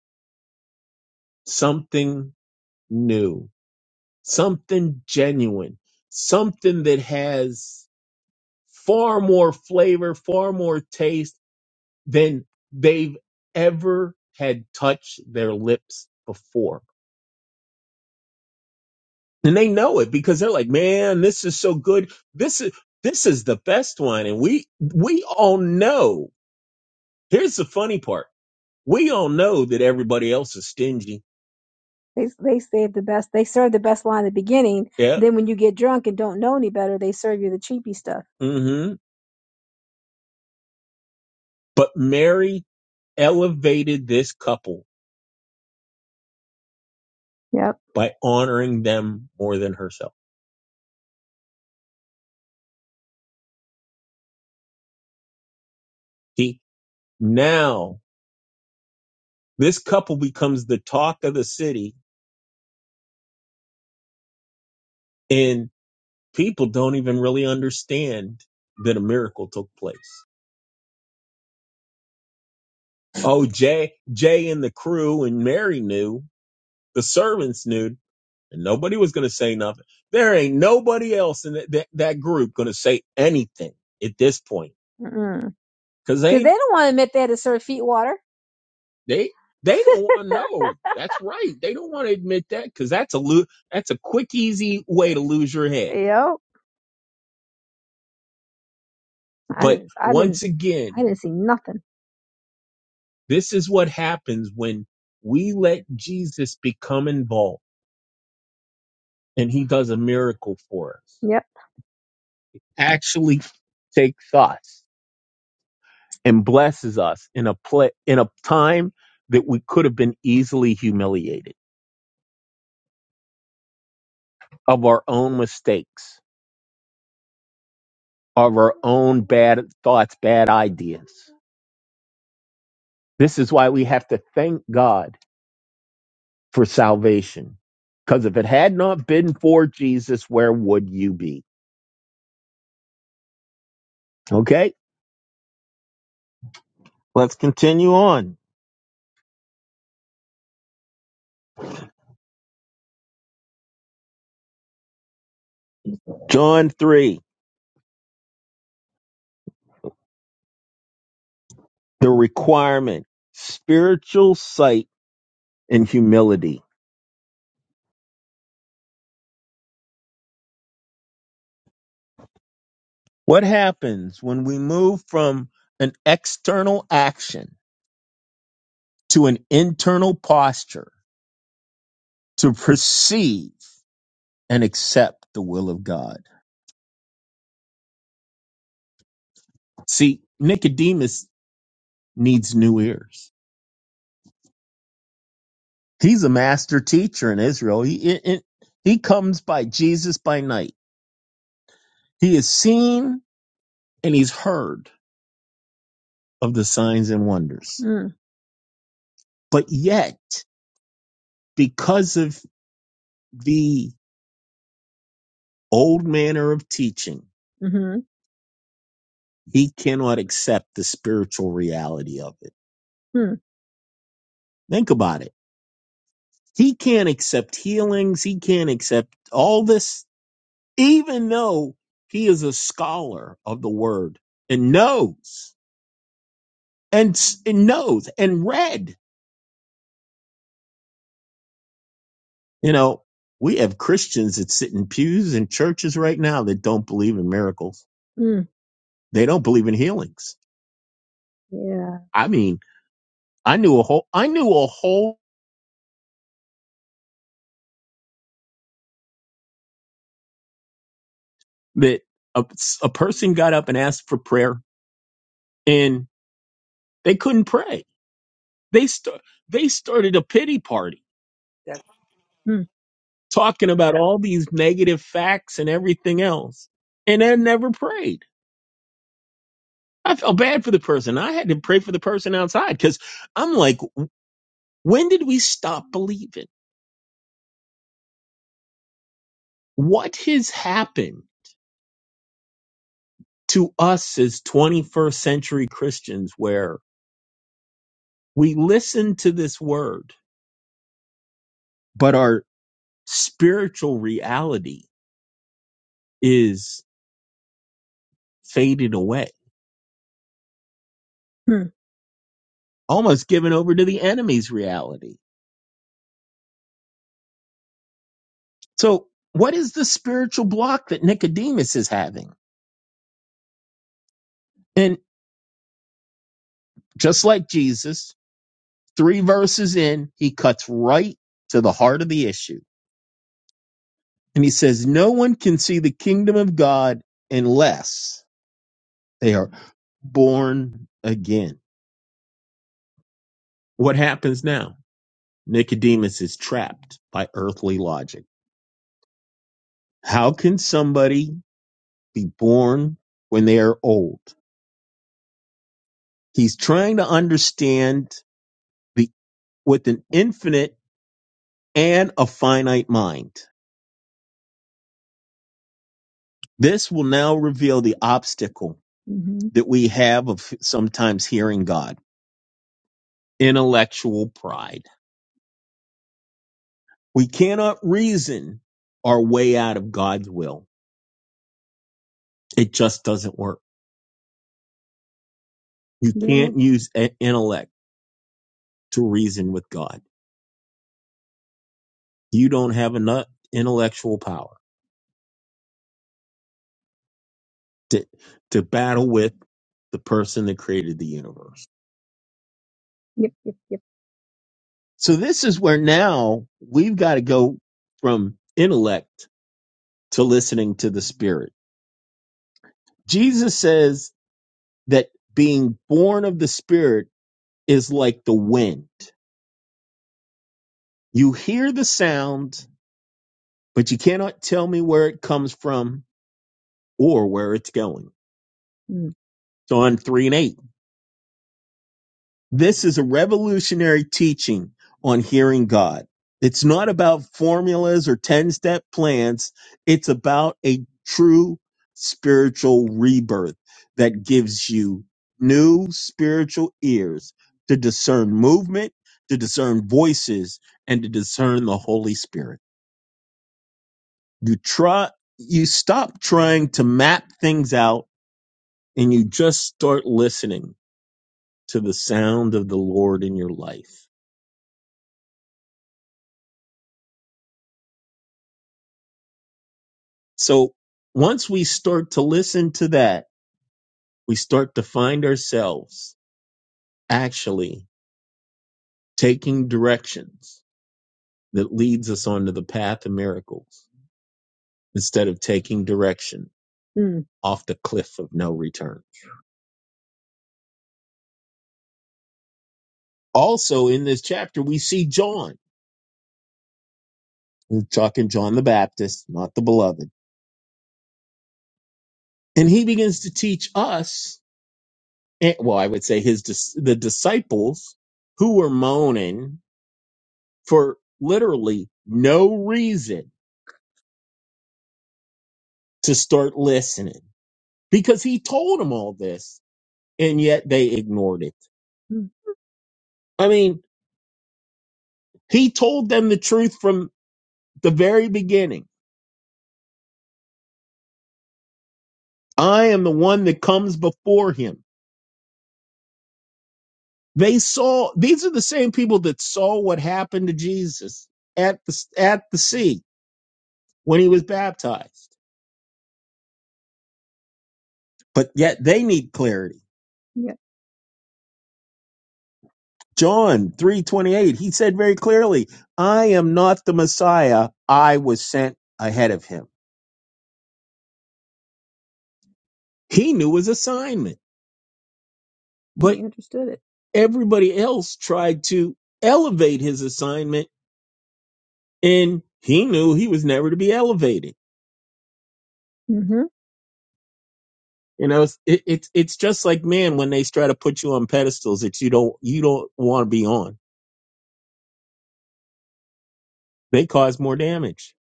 Speaker 2: something new, something genuine, something that has far more flavor, far more taste than they've ever had touched their lips before. And they know it because they're like, man, this is so good. This is, this is the best one. And we, we all know. Here's the funny part. We all know that everybody else is stingy. They they save the best. They serve the best line at the beginning. Yeah. Then when you get drunk and don't know any better, they serve you the cheapy stuff. hmm But Mary elevated this couple Yep. by honoring them more than herself. See, now this couple becomes the talk of the city and people don't even really understand that a miracle took place. Oh, Jay, Jay and the crew and Mary knew, the servants knew, and nobody was going to say nothing. There ain't nobody else in that, that, that group going to say anything at this point because they because they they don't want to admit they had to serve feet water. They they don't want to know. That's right. They don't want to admit that because that's a lo- that's a quick, easy way to lose your head. Yep. I But didn't. I didn't. once didn't, again, I didn't see nothing. this is what happens when we let Jesus become involved and he does a miracle for us. Yep. Actually takes us and blesses us in a pla in a time that we could have been easily humiliated of our own mistakes, of our own bad thoughts, bad ideas. This is why we have to thank God for salvation. Because if it had not been for Jesus, where would you be? Okay, let's continue on. John 3, the requirement, spiritual sight and humility. What happens when we move from an external action to an internal posture to perceive and accept the will of God? See, Nicodemus needs new ears He's a master teacher in Israel. He it, it- he comes by Jesus by night. He is seen and he's heard of the signs and wonders. Mm. But yet, because of the old manner of teaching, Mm-hmm. he cannot accept the spiritual reality of it. Hmm. Think about it. He can't accept healings. He can't accept all this, even though he is a scholar of the word and knows. and, s- and knows and read. You know, we have Christians that sit in pews in churches right now that don't believe in miracles. Mm. They don't believe in healings. Yeah. I mean, I knew a whole, I knew a whole that a, a person got up and asked for prayer and they couldn't pray. They start. they started a pity party
Speaker 1: That's
Speaker 2: Mm. talking about all these negative facts and everything else and they never prayed. I felt bad for the person. I had to pray for the person outside because I'm like, when did we stop believing? What has happened to us as 21st century Christians where we listen to this word, but our spiritual reality is faded away, Hmm. almost given over to the enemy's reality? So, what is the spiritual block that Nicodemus is having? And just like Jesus, Three verses in, he cuts right to the heart of the issue. And he says, No one can see the kingdom of God unless they are born again. What happens now? Nicodemus is trapped by earthly logic. How can somebody be born when they are old? He's trying to understand the, with an infinite and a finite mind. This will now reveal the obstacle hmm that we have of sometimes hearing God intellectual pride. We cannot reason our way out of God's will. It just doesn't work. You Yeah. can't use a- intellect to reason with God. You don't have enough intellectual power to, to battle with the person that created the universe. Yep. Yep. Yep. So this is where now we've got to go from intellect to listening to the spirit Jesus says that being born of the Spirit is like the wind. You hear the sound, but you cannot tell me where it comes from or where it's going. Mm. So on 3 and 8. This is a revolutionary teaching on hearing God. It's not about formulas or 10 step plans. It's about a true spiritual rebirth that gives you new spiritual ears to discern movement, to discern voices, and to discern the Holy Spirit. You try, you stop trying to map things out and you just start listening to the sound of the Lord in your life So once we start to listen to that, we start to find ourselves actually taking directions that leads us onto the path of miracles instead of taking direction Mm. off the cliff of no return. Also in this chapter, we see John. We're talking John the Baptist, not the beloved. And he begins to teach us, eh, well, I would say his, dis- the disciples who were moaning for literally no reason to start listening because he told them all this and yet they ignored it. Hmm. I mean, he told them the truth from the very beginning. I am the one that comes before him. They saw these are the same people that saw what happened to Jesus at the at the sea when he was baptized. But yet they need clarity. Yeah. John 3:28 he said very clearly, I am not the Messiah, I was sent ahead of him He knew his assignment, but He understood it. everybody else tried to elevate his assignment, and he knew he was never to be elevated. hmm You know, it's it, it's it's just like man when they try to put you on pedestals that you don't you don't want to be on. They cause more damage.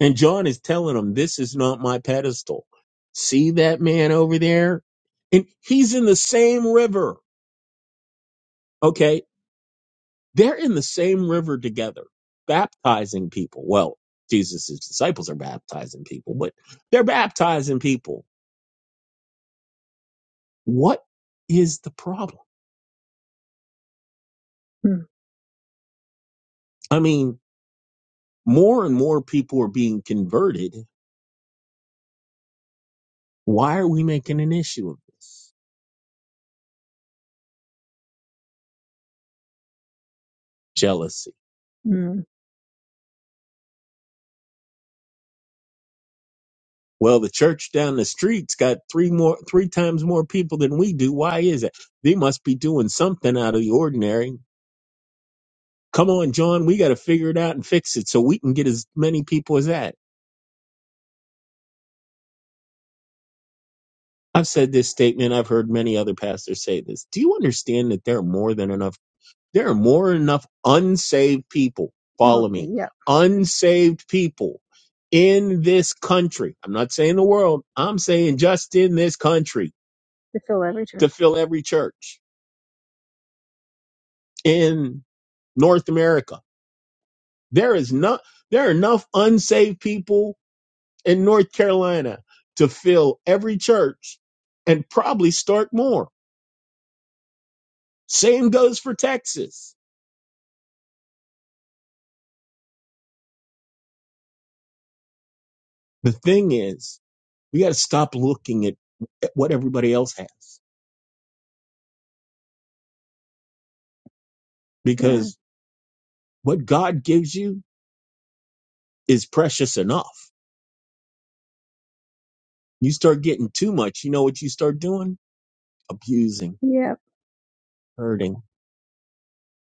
Speaker 2: And John is telling them, "This is not my pedestal. See that man over there, and he's in the same river. Okay. They're in the same river together, baptizing people. Well, Jesus' disciples are baptizing people, but they're baptizing people. What is the problem? Hmm. I mean, more and more people are being converted. Why are we making an issue of this? Jealousy. Mm. Well, the church down the street's got three more, three times more people than we do. Why is it? They must be doing something out of the ordinary. Come on, John, we got to figure it out and fix it so we can get as many people as that. I've said this statement. I've heard many other pastors say this. Do you understand that there are more than enough? There are more than enough unsaved people. Oh, Follow Okay, me. yeah. Unsaved people in this country. I'm not saying the world. I'm saying just in this country To fill every church. to fill every church in North America. There is not, there are enough unsaved people in North Carolina to fill every church and probably start more. Same goes for Texas The thing is, we got to stop looking at, at what everybody else has Yeah. because what God gives you is precious enough. You start getting too much, you know what you start doing? Abusing, Yeah. hurting,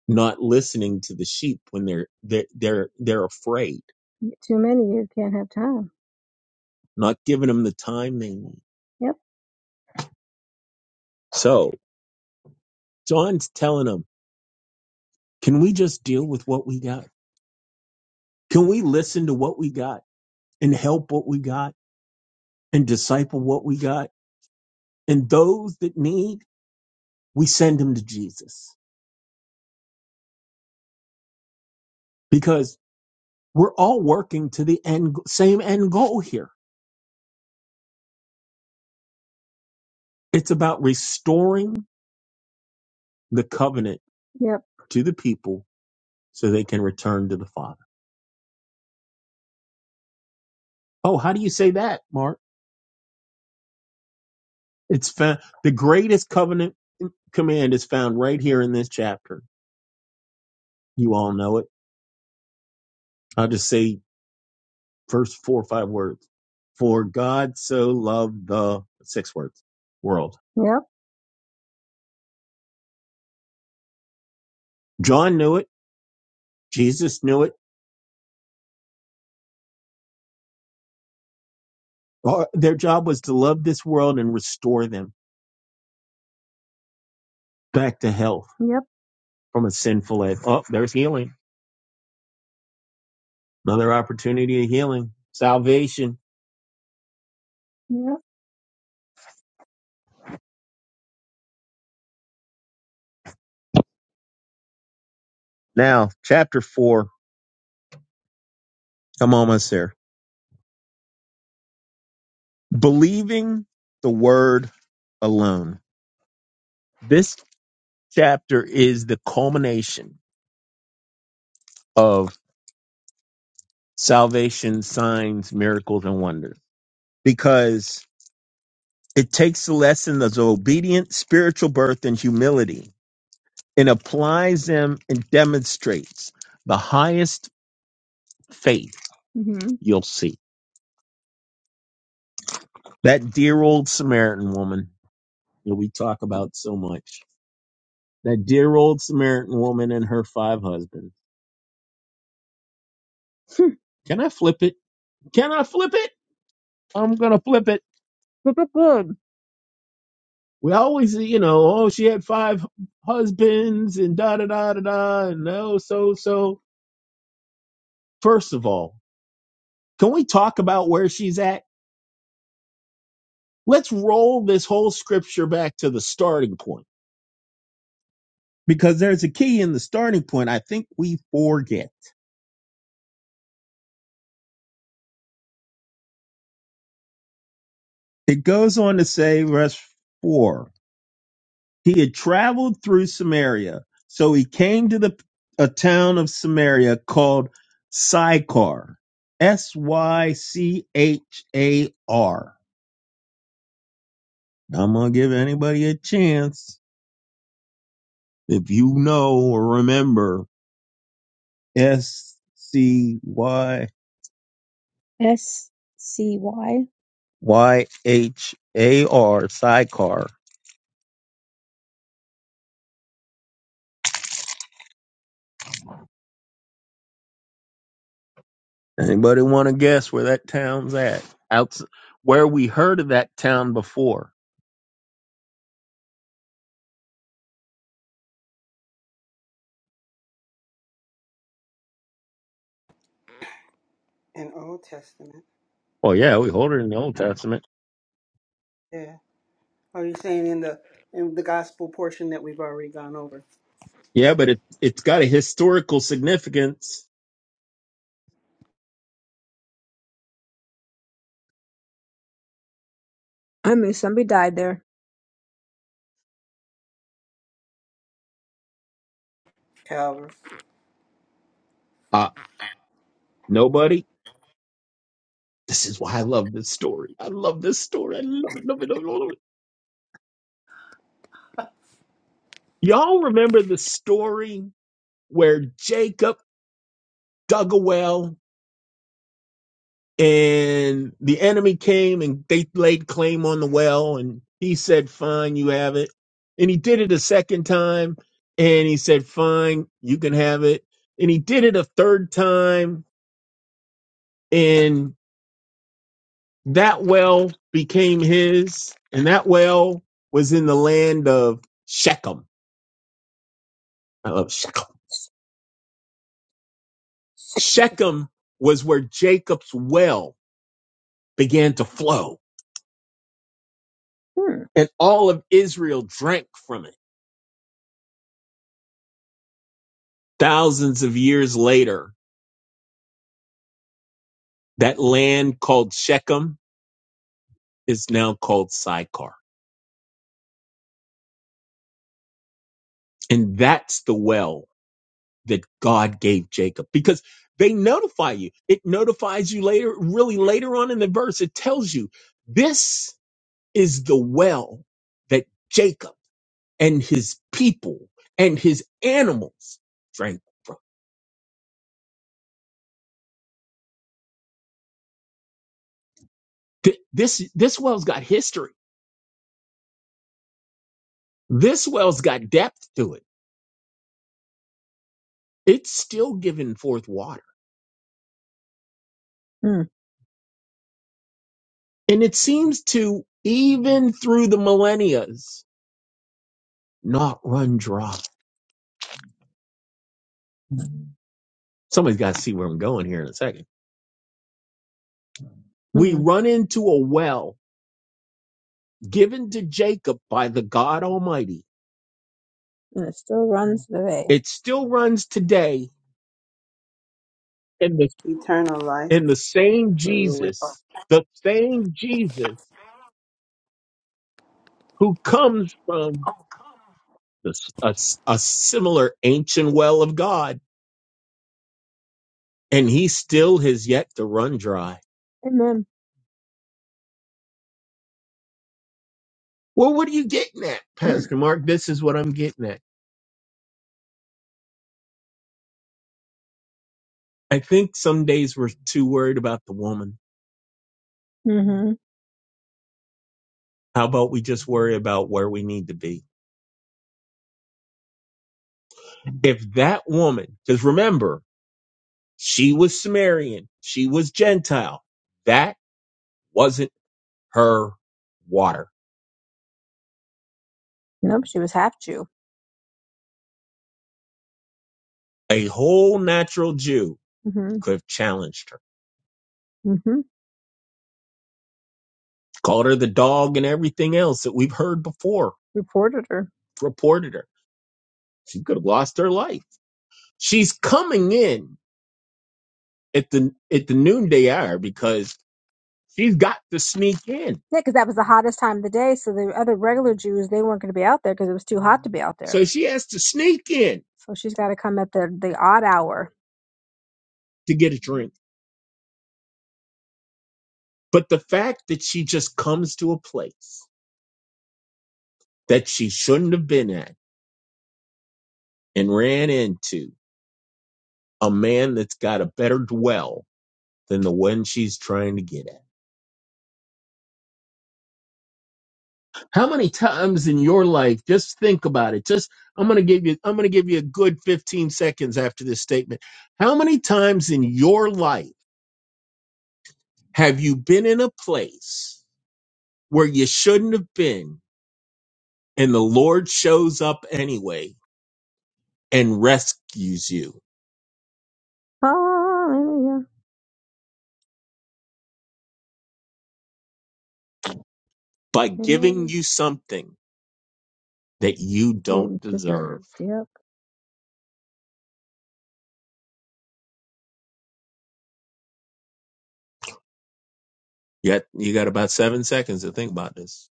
Speaker 2: not listening to the sheep when they're they're they're, they're afraid, Too many, you can't have time. not giving them the time they need. Yep. So John's telling them, can we just deal with what we got? Can we listen to what we got and help what we got? and disciple what we got. And those that need, we send them to Jesus because we're all working to the end, same end goal here. It's about restoring the covenant Yep. to the people so they can return to the Father. Oh, how do you say that, Mark? It's found, the greatest covenant command is found right here in this chapter. You all know it. I'll just say first four or five words. For God so loved the six words world John knew it. Jesus knew it. Our- Their job was to love this world and restore them back to health Yep. from a sinful life. Oh, there's healing. Another opportunity of healing, salvation. Yep. Now, chapter four. I'm almost there. Believing the word alone. This chapter is the culmination of salvation, signs, miracles, and wonders because it takes the lessons of obedience, spiritual birth, and humility and applies them and demonstrates the highest faith hmm you'll see. That dear old Samaritan woman that we talk about so much. That dear old Samaritan woman and her five husbands. Can I flip it? Can I flip it? I'm going to flip it. Flip it good. We always, you know, oh, she had five husbands and da da da da da, and oh, so so. First of all, can we talk about where she's at? Let's roll this whole scripture back to the starting point because there's a key in the starting point I think we forget. It goes on to say, verse 4 He had traveled through Samaria, so he came to the a town of Samaria called Sychar. S Y C H A R. I'm going to give anybody a chance. If you know or remember S C Y S C Y. Y H A R Sychar. Anybody want to guess where that town's at? Out where we heard of that town before?
Speaker 1: in Old Testament.
Speaker 2: Oh yeah, we heard it in the Old Testament.
Speaker 1: Yeah. Are you saying in the in the gospel portion that we've already gone over?
Speaker 2: Yeah, but it it's got a historical significance. I mean, somebody died there.
Speaker 1: Calvary.
Speaker 2: Uh nobody. This is why I love this story. I love this story. I love it. Love it. Love it. Love it. Y'all remember the story where Jacob dug a well and the enemy came and they laid claim on the well and he said fine you have it and he did it a second time and he said fine you can have it and he did it a third time and that well became his and that well was in the land of shechem i love shechem shechem was where jacob's well began to flow Hmm. and all of israel drank from it Thousands of years later, that land called Shechem is now called Sychar. And that's the well that God gave Jacob because they notify you. It notifies you later, really later on in the verse. It tells you this is the well that Jacob and his people and his animals drank from. Th- This, this well's got history. This well's got depth to it. It's still giving forth water. And it seems to, even through the millennia's, not run dry. Somebody's got to see where I'm going here in a second. We Hmm. run into a well given to Jacob by the God Almighty. And it still runs the way. It still runs today in the,
Speaker 1: Eternal life.
Speaker 2: in the same
Speaker 1: Hallelujah.
Speaker 2: Jesus, the same Jesus who comes from the, s- a, s- a similar ancient well of God. And he still has yet to run dry. Amen. Well, what are you getting at, Pastor Mark? This is what I'm getting at. I think some days we're too worried about the woman. hmm How about we just worry about where we need to be? If that woman, because remember, she was Samaritan, she was Gentile, that wasn't her water. Nope, she was half Jew. A whole natural Jew hmm could have challenged her, hmm called her the dog and everything else that we've heard before, Reported her. reported her. She could have lost her life. She's coming in at the at the noonday hour because she's got to sneak in. Yeah, because that was the hottest time of the day. So the other regular Jews, they weren't going to be out there because it was too hot to be out there. So she has to sneak in So she's got to come at the, the odd hour. to get a drink. But the fact that she just comes to a place that she shouldn't have been at and ran into a man that's got a better dwell than the one she's trying to get at. How many times in your life, just think about it. Just I'm going to give you I'm going to give you a good 15 seconds after this statement. How many times in your life have you been in a place where you shouldn't have been and the Lord shows up anyway and rescues you Hallelujah. by giving Amen. you something that you don't Didn't deserve? deserve. Yep. Yet you got about 7 seconds to think about this.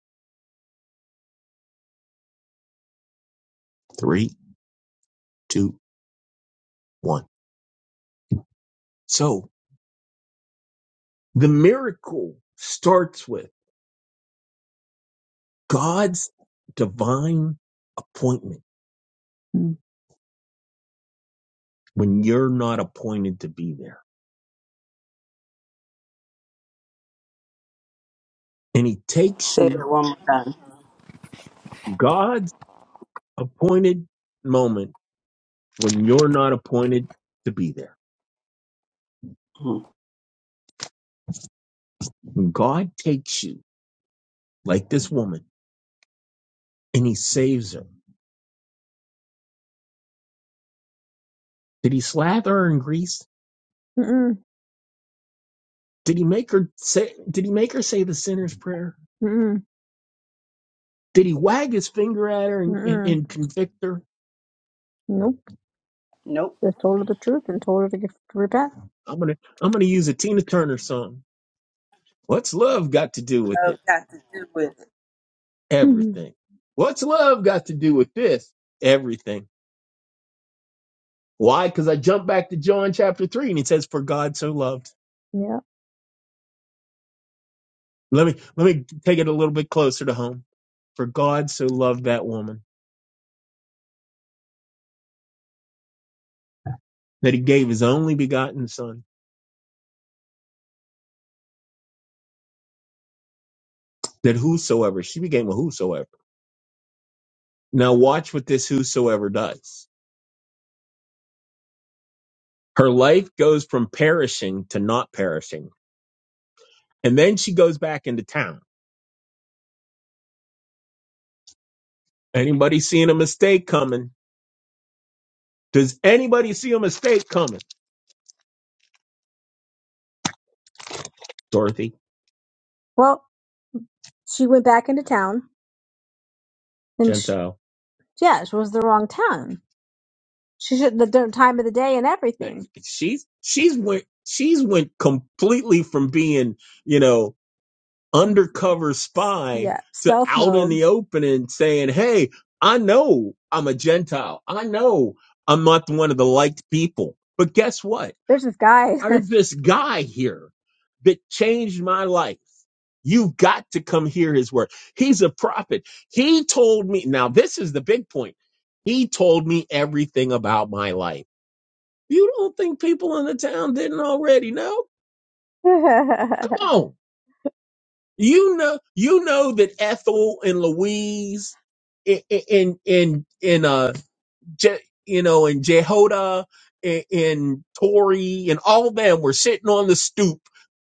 Speaker 2: Three, two, one. So, The miracle starts with God's divine appointment Mm. when you're not appointed to be there. And he takes
Speaker 1: Say it
Speaker 2: you
Speaker 1: one more time.
Speaker 2: God's appointed moment when you're not appointed to be there. When God takes you like this woman and he saves her. Did he slather her in grease? Mm-mm. Did he make her say did he make her say the sinner's prayer? Mm-mm. Did he wag his finger at her and, and, Mm-mm. and convict her? Just told her the truth and told her to, get, to repent. I'm gonna I'm gonna use a Tina Turner song. What's love got to do with
Speaker 1: Love
Speaker 2: it?
Speaker 1: got to do with it.
Speaker 2: Mhm. Everything. What's love got to do with this? Everything. Why? Because I jump back to John chapter three and it says, "For God so loved." yeah. Let me let me take it a little bit closer to home. For God so loved that woman that he gave his only begotten son, that whosoever, she became a whosoever. Now watch what this whosoever does. Her life goes from perishing to not perishing And then she goes back into town. Anybody seeing a mistake coming? Does anybody see a mistake coming? Dorothy, Well, she went back into town, and she, Gentile. yeah, it was the wrong town. She should the d- time of the day and everything. She's she's went she's went completely from being, you know, undercover spy Yeah, to cell out in self the open and saying, Hey, I know I'm a Gentile. I know I'm not the one of the liked people. But guess what? There's this guy. There's this guy here that changed my life. You've got to come hear his word. He's a prophet. He told me, now this is the big point. He told me everything about my life. You don't think people in the town didn't already know? Come on." You know, you know that Ethel and Louise and and and, and uh, Je, you know, and Jehoda and, and Tori and all of them were sitting on the stoop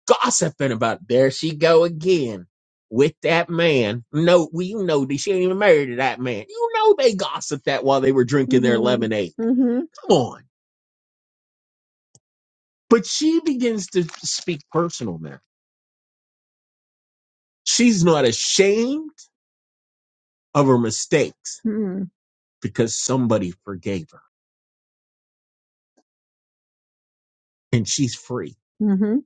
Speaker 2: gossiping about. There she go again with that man. No, we you know that she ain't even married to that man. You know they gossiped that while they were drinking their hmm lemonade. hmm Come on. But she begins to speak personal now. She's not ashamed of her mistakes because somebody forgave her and she's free. Mm-hmm.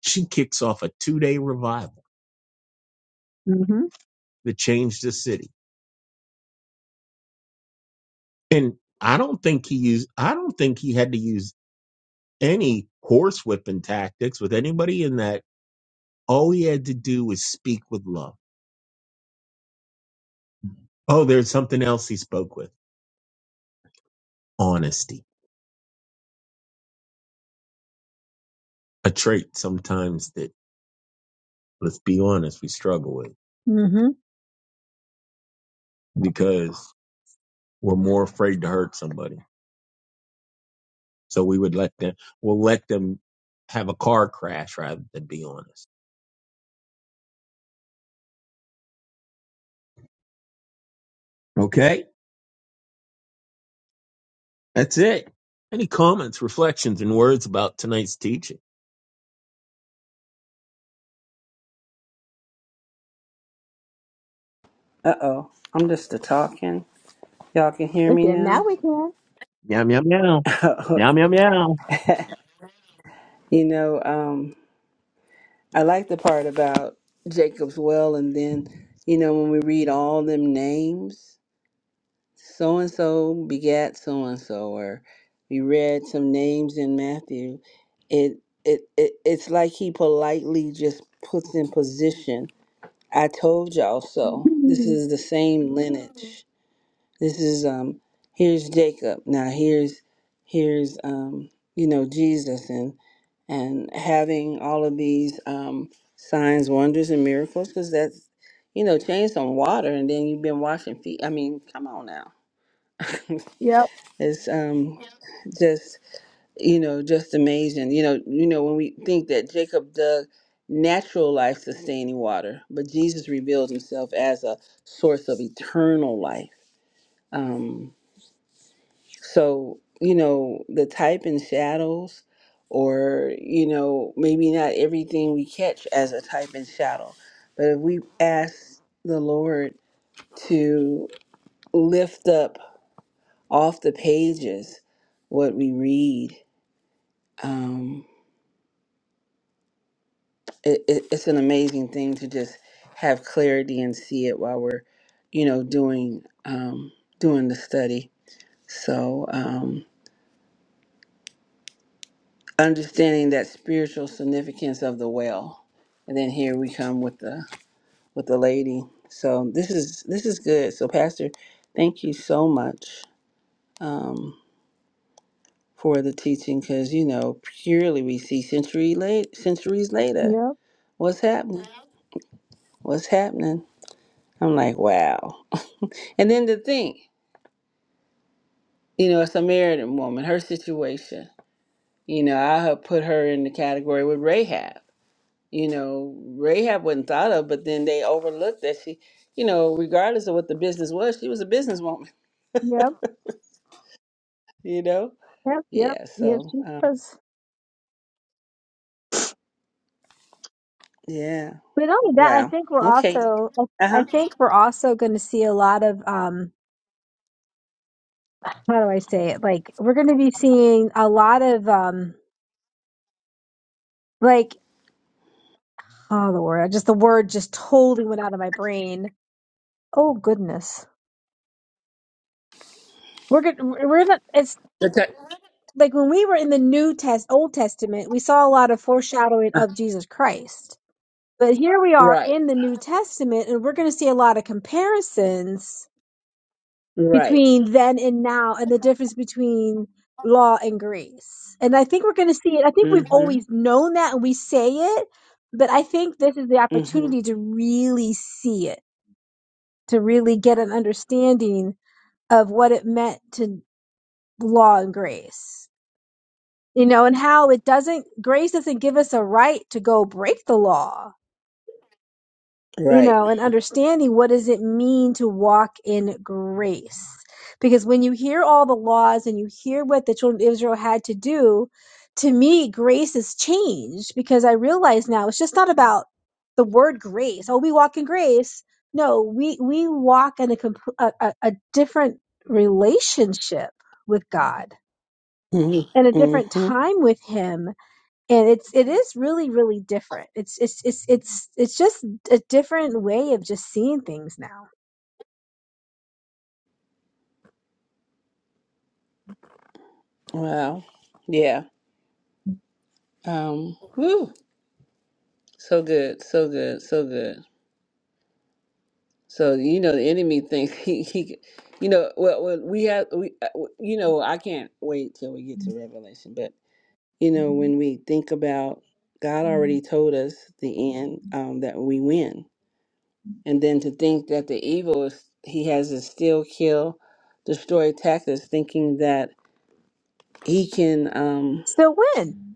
Speaker 2: She kicks off a two day revival Mm-hmm. that changed the city. And I don't think he used, I don't think he had to use any horsewhipping tactics with anybody in that. All he had to do was speak with love. Oh, there's something else he spoke with honesty, a trait sometimes that, let's be honest, we struggle with Mm-hmm. because we're more afraid to hurt somebody. So we would let them, we'll let them have a car crash rather than be on us. Okay, that's it. Any comments, reflections, and words about tonight's teaching?
Speaker 1: Uh oh. I'm just a talking. Y'all can hear me
Speaker 2: Okay, now
Speaker 1: now?
Speaker 2: we can. Yum yum yum. Yum yum yum.
Speaker 1: You know, um, I like the part about Jacob's well, and then, you know, when we read all them names, so and so begat so and so, or we read some names in Matthew. It, it it it's like he politely just puts in position. I told y'all so. This is the same lineage. This is um. Here's Jacob. Now here's here's um. You know Jesus and and having all of these um, signs, wonders, and miracles, because that's, you know, change some water, and then you've been washing feet. I mean, come on now,
Speaker 2: yep,
Speaker 1: it's um, just, you know, just amazing. You know, you know, when we think that Jacob dug natural life sustaining water, but Jesus revealed Himself as a source of eternal life. Um, So, you know, the type in shadows, or, you know, maybe not everything we catch as a type and shadow, but if we ask the Lord to lift up off the pages what we read, um, it, it, it's an amazing thing to just have clarity and see it while we're, you know, doing um, doing the study. So, um, understanding that spiritual significance of the well and then here we come with the with the lady so this is this is good so pastor thank you so much um, for the teaching because you know purely we see century late centuries
Speaker 2: yep,
Speaker 1: later what's happening what's happening i'm like wow and then to think you know a samaritan woman her situation you know i have put her in the category with rahab you know, Rahab wasn't thought of, but then they overlooked that she, you know, regardless of what the business was, she was a businesswoman,
Speaker 2: yep,
Speaker 1: you know?
Speaker 2: yep, yep,
Speaker 1: Yeah,
Speaker 2: yep.
Speaker 1: so,
Speaker 2: She
Speaker 1: um,
Speaker 2: was.
Speaker 1: yeah.
Speaker 2: But not only that, I
Speaker 1: Wow.
Speaker 2: think we're
Speaker 1: Okay.
Speaker 2: also, I
Speaker 1: Uh
Speaker 2: think we're also going to see a lot of, um, how do I say it? Like we're going to be seeing a lot of, um, like Oh Lord, I just the word just totally went out of my brain. Oh goodness. We're good we're not it's
Speaker 1: huh.
Speaker 2: like when we were in the New Test Old Testament, we saw a lot of foreshadowing of Jesus Christ. But here we are
Speaker 1: Right.
Speaker 2: in the New Testament and we're gonna see a lot of comparisons
Speaker 1: Right.
Speaker 2: between then and now and the difference between law and grace. And I think we're gonna see it. I think we've
Speaker 1: Mm hmm.
Speaker 2: always known that and we say it, but I think this is the
Speaker 1: Mm
Speaker 2: opportunity
Speaker 1: hmm.
Speaker 2: to really see it to really get an understanding of what it meant to law and grace. You know, and how it doesn't grace doesn't give us a right to go break the law you
Speaker 1: Right.
Speaker 2: know, and understanding what does it mean to walk in grace. Because when you hear all the laws and you hear what the children of Israel had to do, to me, grace has changed because I realize now it's just not about the word grace. Oh, we walk in grace. No, we, we walk in a, compl- a, a, a different relationship with God
Speaker 1: Mm
Speaker 2: and a
Speaker 1: hmm. Mm
Speaker 2: different
Speaker 1: hmm.
Speaker 2: time with Him and it's it is really really different it's it's it's it's it's just a different way of just seeing things now
Speaker 1: Wow. Yeah. Um, whew. So good. So good. So good. So you know the enemy thinks he he, you know well, well we have we uh, w- you know I can't wait till we get to Revelation, but you know when we think about God already told us the end um, that we win, and then to think that the evil is he has is still kill, destroy tactics, thinking that he can um
Speaker 2: Still win.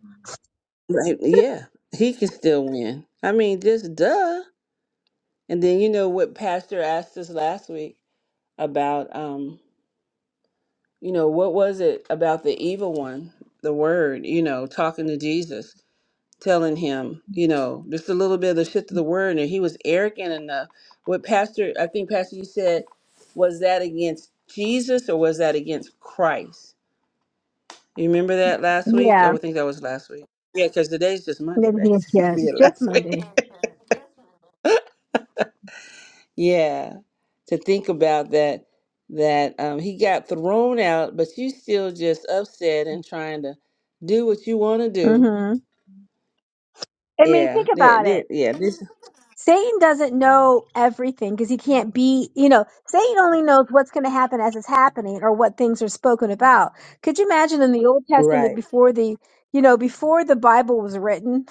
Speaker 1: like, yeah he can still win. I mean just duh. And then you know what Pastor asked us last week about. um. you know, what was it about the evil one, the word, you know, talking to Jesus, telling him, you know, just a little bit of the shift of the word, and he was arrogant enough. What Pastor, I think Pastor, you said, was that against Jesus or was that against Christ? You remember that last week? I
Speaker 2: Yeah,
Speaker 1: would think that was last week. Yeah, because today's just Monday,
Speaker 2: Next
Speaker 1: right?
Speaker 2: day, yeah,
Speaker 1: yeah,
Speaker 2: just
Speaker 1: last
Speaker 2: Monday.
Speaker 1: week. Yeah, to think about that, that um, he got thrown out, but you still just upset and trying to do what you want to do.
Speaker 2: hmm I mean, think
Speaker 1: Yeah, that,
Speaker 2: about it.
Speaker 1: that, yeah, this,
Speaker 2: Satan doesn't know everything because he can't be, you know, Satan only knows what's going to happen as it's happening or what things are spoken about. Could you imagine in the Old Testament
Speaker 1: right.
Speaker 2: before the, you know, before the Bible was written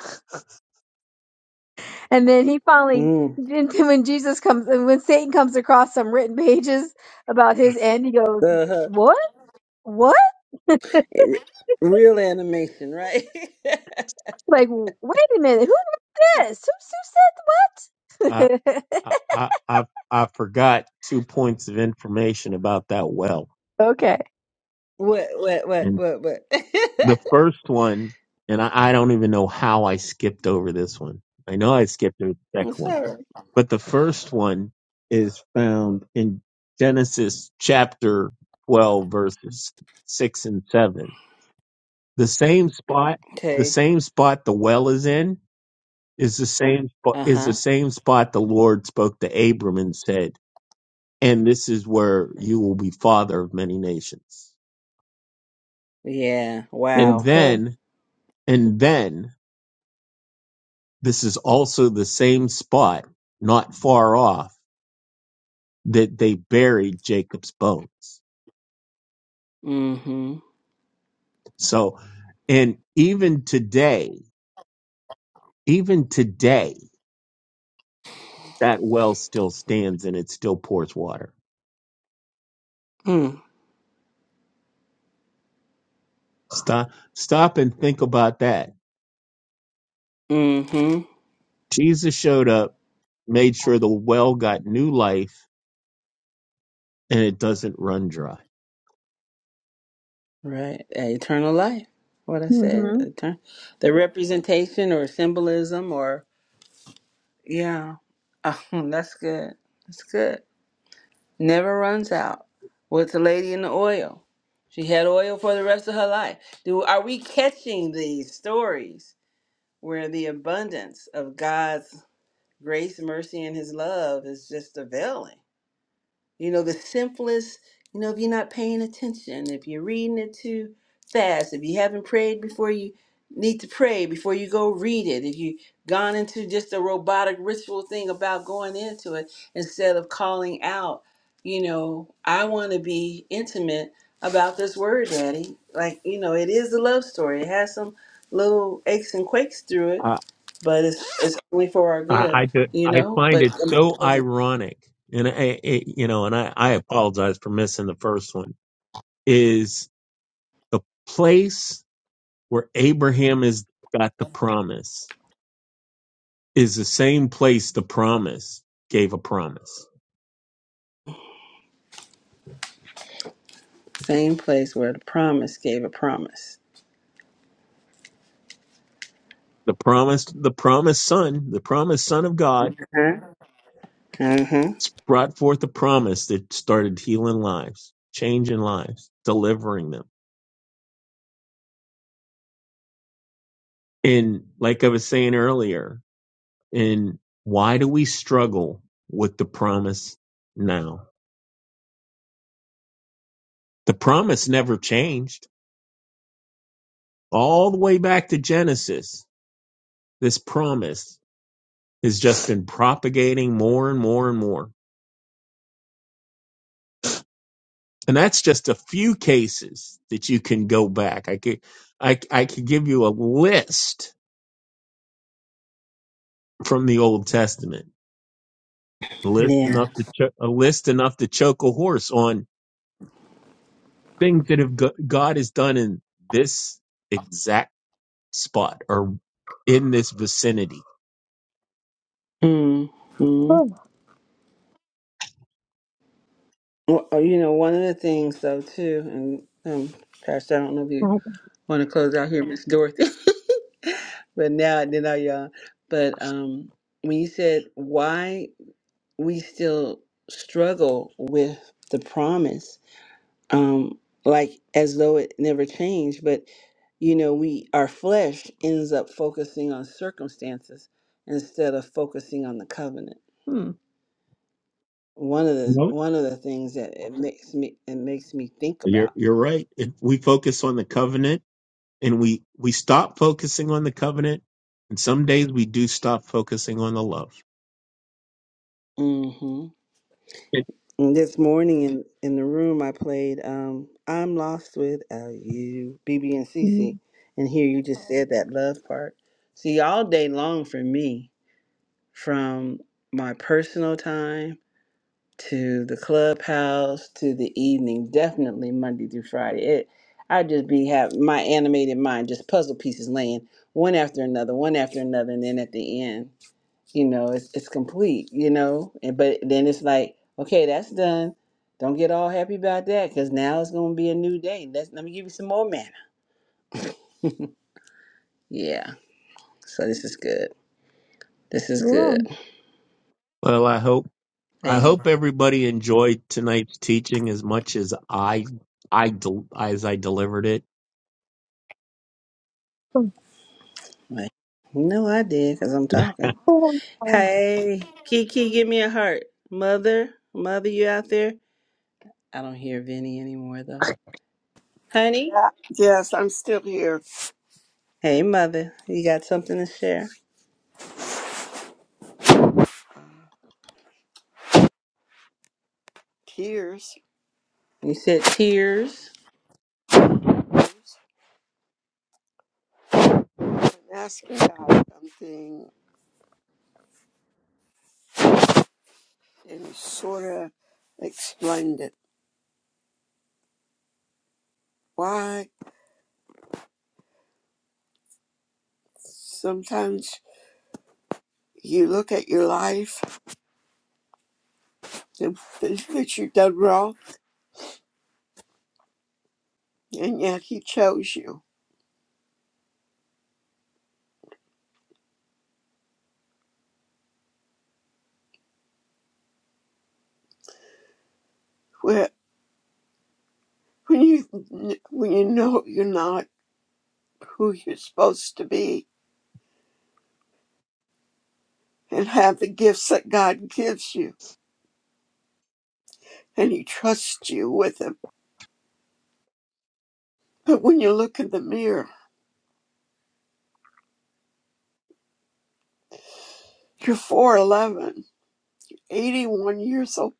Speaker 2: and then he finally,
Speaker 1: Mm,
Speaker 2: then when Jesus comes, when Satan comes across some written pages about his end, he goes,
Speaker 1: uh-huh.
Speaker 2: what? What?
Speaker 1: Eh, Real animation, right?
Speaker 2: Like, w- wait a minute, who wrote this? Who, who I, said what? I, I, I I forgot two points of information about that well. okay.
Speaker 1: What, what, what,
Speaker 2: And
Speaker 1: what, what?
Speaker 2: the first one, and I, I don't even know how I skipped over this one. I know I skipped over the
Speaker 1: I'm
Speaker 2: second one,
Speaker 1: sorry.
Speaker 2: but the first one is found in Genesis chapter 12 verses six and seven. The same spot, the
Speaker 1: Okay.
Speaker 2: same spot the well is in. is the same sp- is the
Speaker 1: Uh-huh.
Speaker 2: same spot the Lord spoke to Abram and said, "And this is where you will be father of many nations."
Speaker 1: Yeah.
Speaker 2: Yes, And sir.
Speaker 1: Wow.
Speaker 2: then, and then, this is also the same spot, not far off, that they buried Jacob's bones.
Speaker 1: Mm-hmm.
Speaker 2: So, and even today, even today, that well still stands and it still pours water.
Speaker 1: Mm.
Speaker 2: Stop, stop, and think about that
Speaker 1: Mm-hmm.
Speaker 2: Jesus showed up, made sure the well got new life and it doesn't run dry.
Speaker 1: Right. Eternal life. What I said.
Speaker 2: hmm
Speaker 1: Etern- the representation or symbolism or, yeah. Oh, that's good. That's good. Never runs out. With the lady in the oil. She had oil for the rest of her life. Do Are we catching these stories where the abundance of God's grace, mercy, and his love is just availing? You know, the simplest, you know, if you're not paying attention, if you're reading it too fast, if you haven't prayed before you need to pray, before you go read it, if you've gone into just a robotic ritual thing about going into it instead of calling out, you know, I want to be intimate about this word, Daddy. Like, you know, it is a love story. It has some little aches and quakes through it,
Speaker 2: I
Speaker 1: but it's it's only for our
Speaker 2: I
Speaker 1: good,
Speaker 2: I, ju-
Speaker 1: you
Speaker 2: I
Speaker 1: know?
Speaker 2: find
Speaker 1: But
Speaker 2: it so
Speaker 1: um,
Speaker 2: ironic, and I, it, you know, and I, I apologize for missing the first one. Is the place where Abraham has got the promise is the same place the promise gave a promise.
Speaker 1: Same place where the promise gave a promise.
Speaker 2: The promise, the promised son, the promised son of God
Speaker 1: Mm-hmm.
Speaker 2: It's brought forth a promise that started healing lives, changing lives, delivering them. And like I was saying earlier, and why do we struggle with the promise now? The promise never changed. All the way back to Genesis, this promise has just been propagating more and more and more. And that's just a few cases that you can go back. I could, I, I could give you a list from the Old Testament list
Speaker 1: Yeah.
Speaker 2: enough to cho- a list enough to choke a horse on things that have go- God has done in this exact spot or in this vicinity.
Speaker 1: Mm-hmm.
Speaker 2: Oh,
Speaker 1: Well, oh, you know, one of the things though too, and um, Pastor, I don't know if you
Speaker 2: my
Speaker 1: want to close out here, Miss Dorothy, but now then I y'all. But um, when you said why we still struggle with the promise, um, like as though it never changed. But you know, we our flesh ends up focusing on circumstances instead of focusing on the covenant.
Speaker 2: Hmm.
Speaker 1: One of
Speaker 2: You
Speaker 1: the
Speaker 2: know,
Speaker 1: one of the things that it makes me it makes me think
Speaker 2: you're
Speaker 1: about.
Speaker 2: you're right. If we focus on the covenant and we we stop focusing on the covenant, and some days we do stop focusing on the love.
Speaker 1: hmm And this morning in in the room, I played um, "I'm Lost Without You," BB and
Speaker 2: Mm.
Speaker 1: CC, and here you just said that love part. See, all day long for me, from my personal time to the clubhouse to the evening definitely monday through friday it i just be have my animated mind just puzzle pieces laying one after another one after another and then at the end you know it's, it's complete you know and but then it's like okay that's done don't get all happy about that because now it's going to be a new day Let's, let me give you some more manna yeah so this is good this is
Speaker 2: Yeah.
Speaker 1: good
Speaker 2: Well, I hope I
Speaker 1: Hey,
Speaker 2: hope everybody enjoyed tonight's teaching as much as I I del- as I delivered it.
Speaker 1: no i did because i'm talking
Speaker 2: Oh, um,
Speaker 1: Hey, Kiki, give me a heart. Mother, mother, you out there? I don't hear Vinny anymore though. Honey?
Speaker 3: Yeah, yes, I'm still here.
Speaker 1: Hey, mother, you got something to share?
Speaker 3: Uh, tears.
Speaker 1: You said tears.
Speaker 3: I'm asking God something, and He sort of explained it. Why sometimes you look at your life and think that you've done wrong, and yet He chose you. Where when you when you know you're not who you're supposed to be, and have the gifts that God gives you, and He trusts you with them. But when you look in the mirror, you're 4'11 81 years old,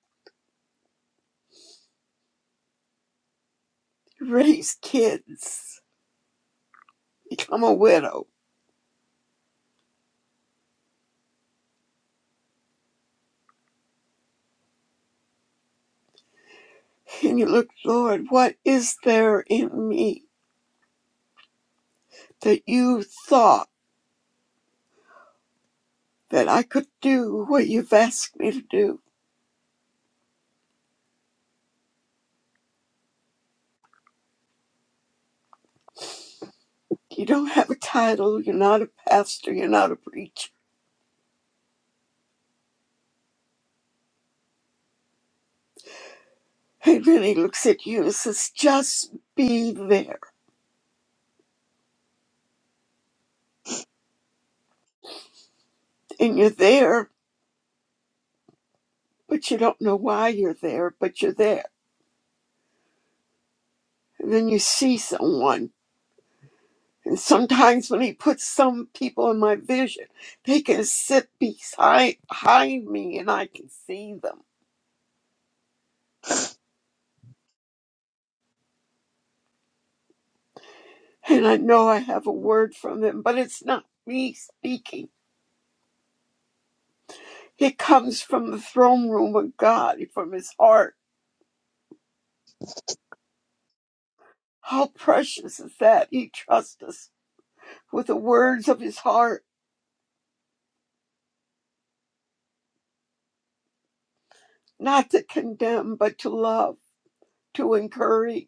Speaker 3: raise kids, become a widow. And you look, Lord, what is there in me that you thought that I could do what you've asked me to do? You don't have a title, you're not a pastor, you're not a preacher. And then he really looks at you and says, just be there. And you're there, but you don't know why you're there, but you're there. And then you see someone And sometimes when he puts some people in my vision, they can sit beside behind me and I can see them. And I know I have a word from them, but it's not me speaking. It comes from the throne room of God, from his heart. How precious is that? He trusts us with the words of his heart, not to condemn, but to love, to encourage.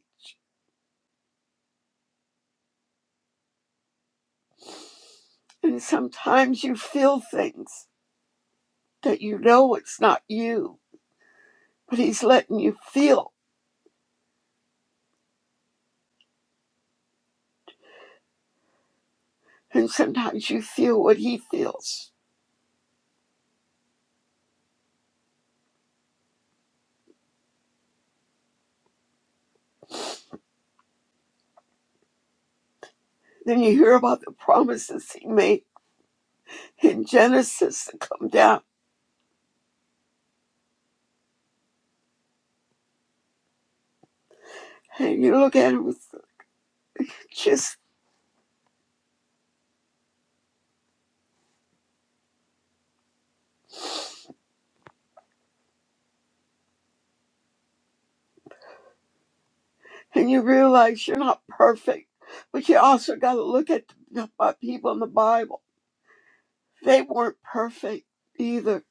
Speaker 3: And sometimes you feel things that you know it's not you, but he's letting you feel And sometimes you feel what he feels. Then you hear about the promises he made in Genesis to come down. And you look at it with just, and you realize you're not perfect. But you also got to look at the the people in the Bible. They weren't perfect either.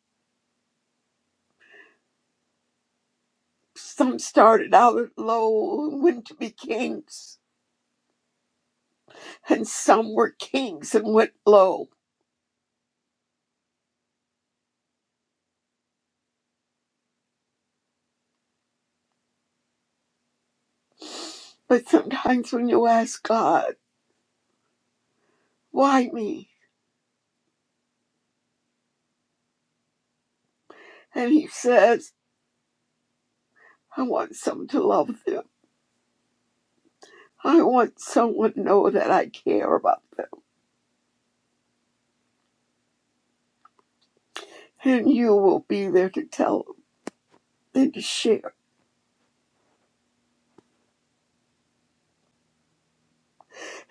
Speaker 3: Some started out low and went to be kings, and some were kings and went low. But sometimes when you ask God, why me? And he says, I want someone to love them. I want someone to know that I care about them. And you will be there to tell them and to share.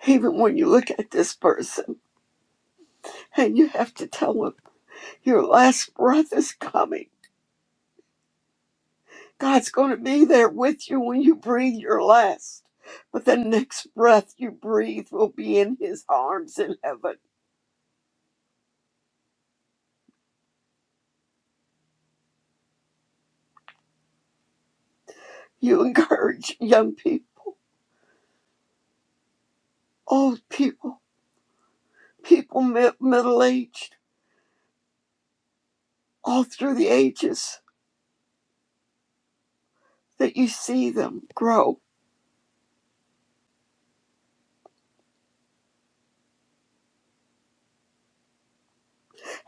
Speaker 3: Even when you look at this person and you have to tell them your last breath is coming, God's going to be there with you when you breathe your last. But the next breath you breathe will be in His arms in heaven. You encourage young people, old people, people mid- middle aged, all through the ages that you see them grow.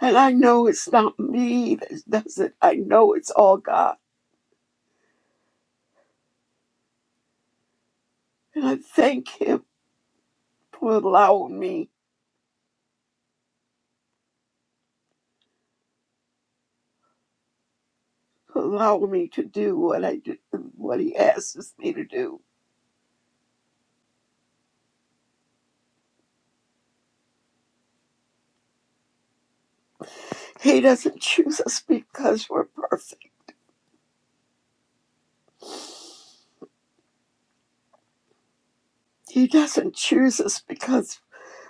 Speaker 3: And I know it's not me that does it. I know it's all God. And I thank Him for allowing me, for allowing me to do what I do, what He asks me to do. He doesn't choose us because we're perfect. He doesn't choose us because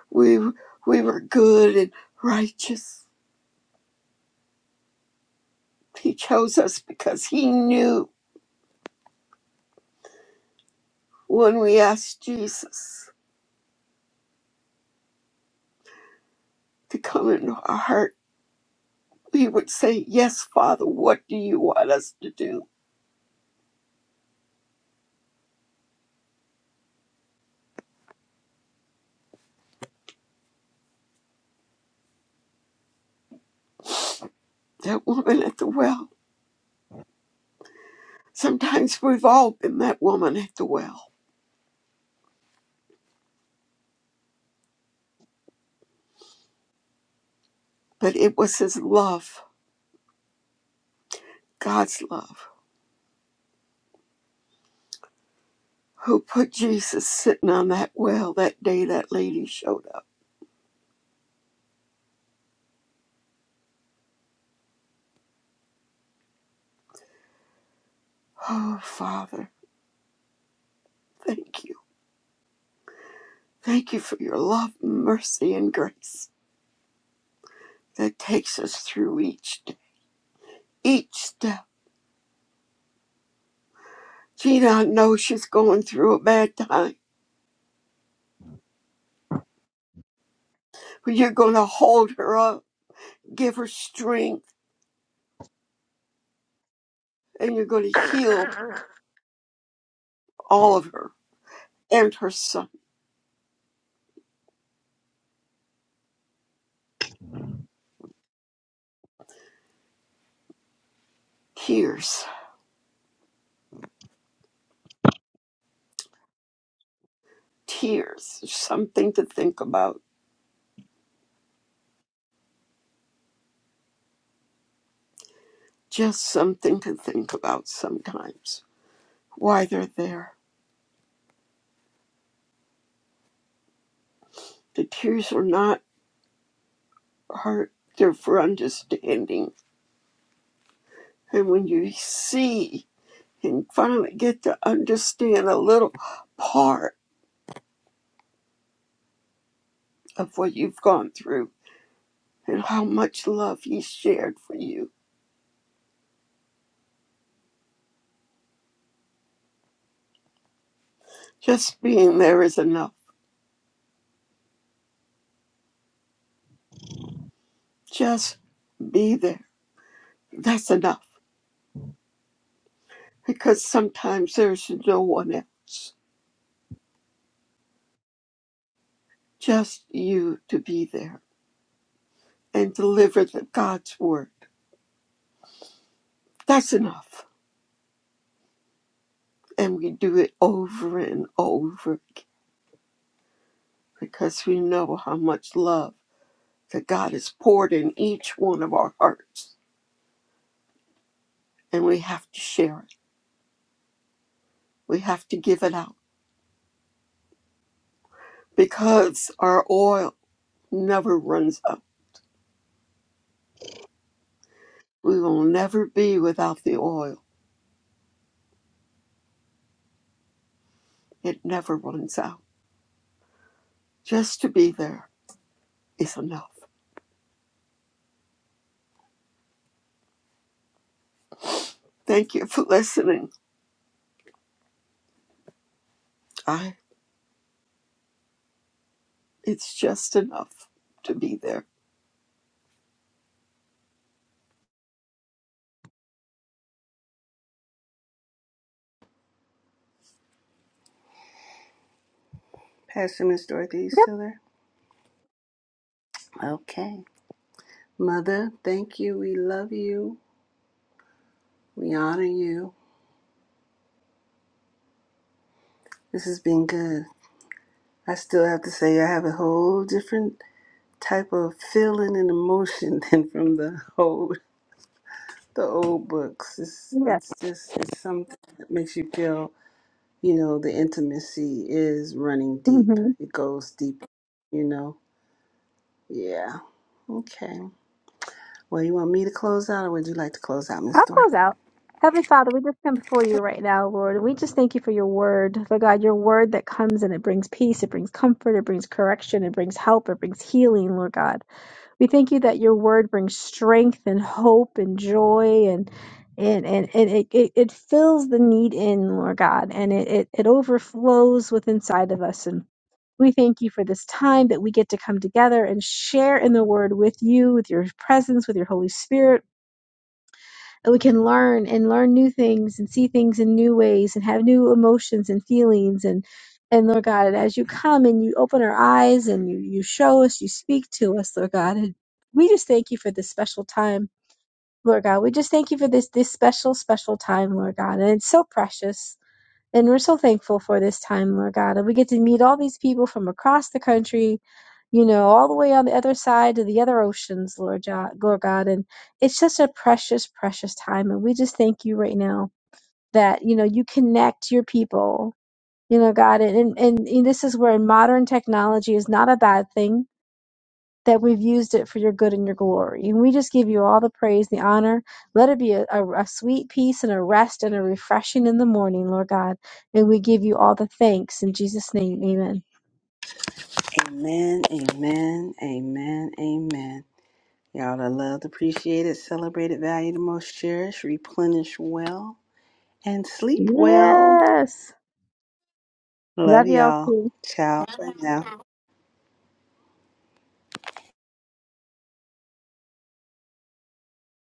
Speaker 3: we we were good and righteous. He chose us because He knew when we asked Jesus to come into our heart we would say, Yes, Father, what do you want us to do? That woman at the well. Sometimes we've all been that woman at the well, but it was his love, God's love, who put Jesus sitting on that well that day that lady showed up. Oh, Father, thank you. Thank you for your love, mercy, and grace that takes us through each day. Each step. Gina, I know she's going through a bad time, but you're going to hold her up, give her strength and you're going to heal all of her and her son. Tears, tears, something to think about, just something to think about sometimes. Why they're there. The tears are not hurt, they're for understanding. And when you see and finally get to understand a little part of what you've gone through and how much love he shared for you, just being there is enough. Just be there. That's enough because sometimes there's no one else, just you to be there and deliver the God's word. That's enough. And we do it over and over again because we know how much love that God has poured in each one of our hearts. And we have to share it. We have to give it out because our oil never runs out. We will never be without the oil. It never runs out. Just to be there is enough. Thank you for listening. I it's just enough to be there.
Speaker 1: Pastor Miss Dorothy, you
Speaker 2: Yep.
Speaker 1: still there? Okay. Mother, thank you. We love you. We honor you. This has been good. I still have to say, I have a whole different type of feeling and emotion than from the old the old books. It's
Speaker 2: Yeah.
Speaker 1: it's just it's something that makes you feel you know, the intimacy is running deep.
Speaker 2: hmm
Speaker 1: It goes deep, you know? Yeah. Okay. Well, you want me to close out or would you like to close out, Miss
Speaker 2: I'll close
Speaker 1: Dorothy?
Speaker 2: out. Heavenly Father, we just come before you right now, Lord. We just thank you for your word, Lord God, your word that comes and it brings peace, it brings comfort, it brings correction, it brings help, it brings healing, Lord God. We thank you that your word brings strength and hope and joy and and, and, and it, it, it fills the need in, Lord God, and it, it, it overflows with inside of us. And we thank you for this time that we get to come together and share in the word with you, with your presence, with your Holy Spirit we can learn and learn new things and see things in new ways and have new emotions and feelings and and Lord God, and as you come and you open our eyes and you you show us, you speak to us, Lord God, and we just thank you for this special time, Lord God. We just thank you for this this special special time, Lord God, and it's so precious. And we're so thankful for this time, Lord God. And we get to meet all these people from across the country, you know, all the way on the other side of the other oceans, Lord, jo- Lord God. And it's just a precious, precious time. And we just thank you right now that, you know, you connect your people, you know, God. And, and, and this is where modern technology is not a bad thing that we've used it for your good and your glory. And we just give you all the praise, the honor. Let it be a, a, a sweet peace and a rest and a refreshing in the morning, Lord God. And we give you all the thanks in Jesus' name. Amen.
Speaker 1: Amen, amen, amen, amen. Y'all are loved, appreciated, celebrated, valued, and most cherished. Replenish well and sleep well.
Speaker 2: Yes.
Speaker 1: Love
Speaker 2: Love y'all
Speaker 1: y'all.
Speaker 2: too.
Speaker 1: Ciao for now.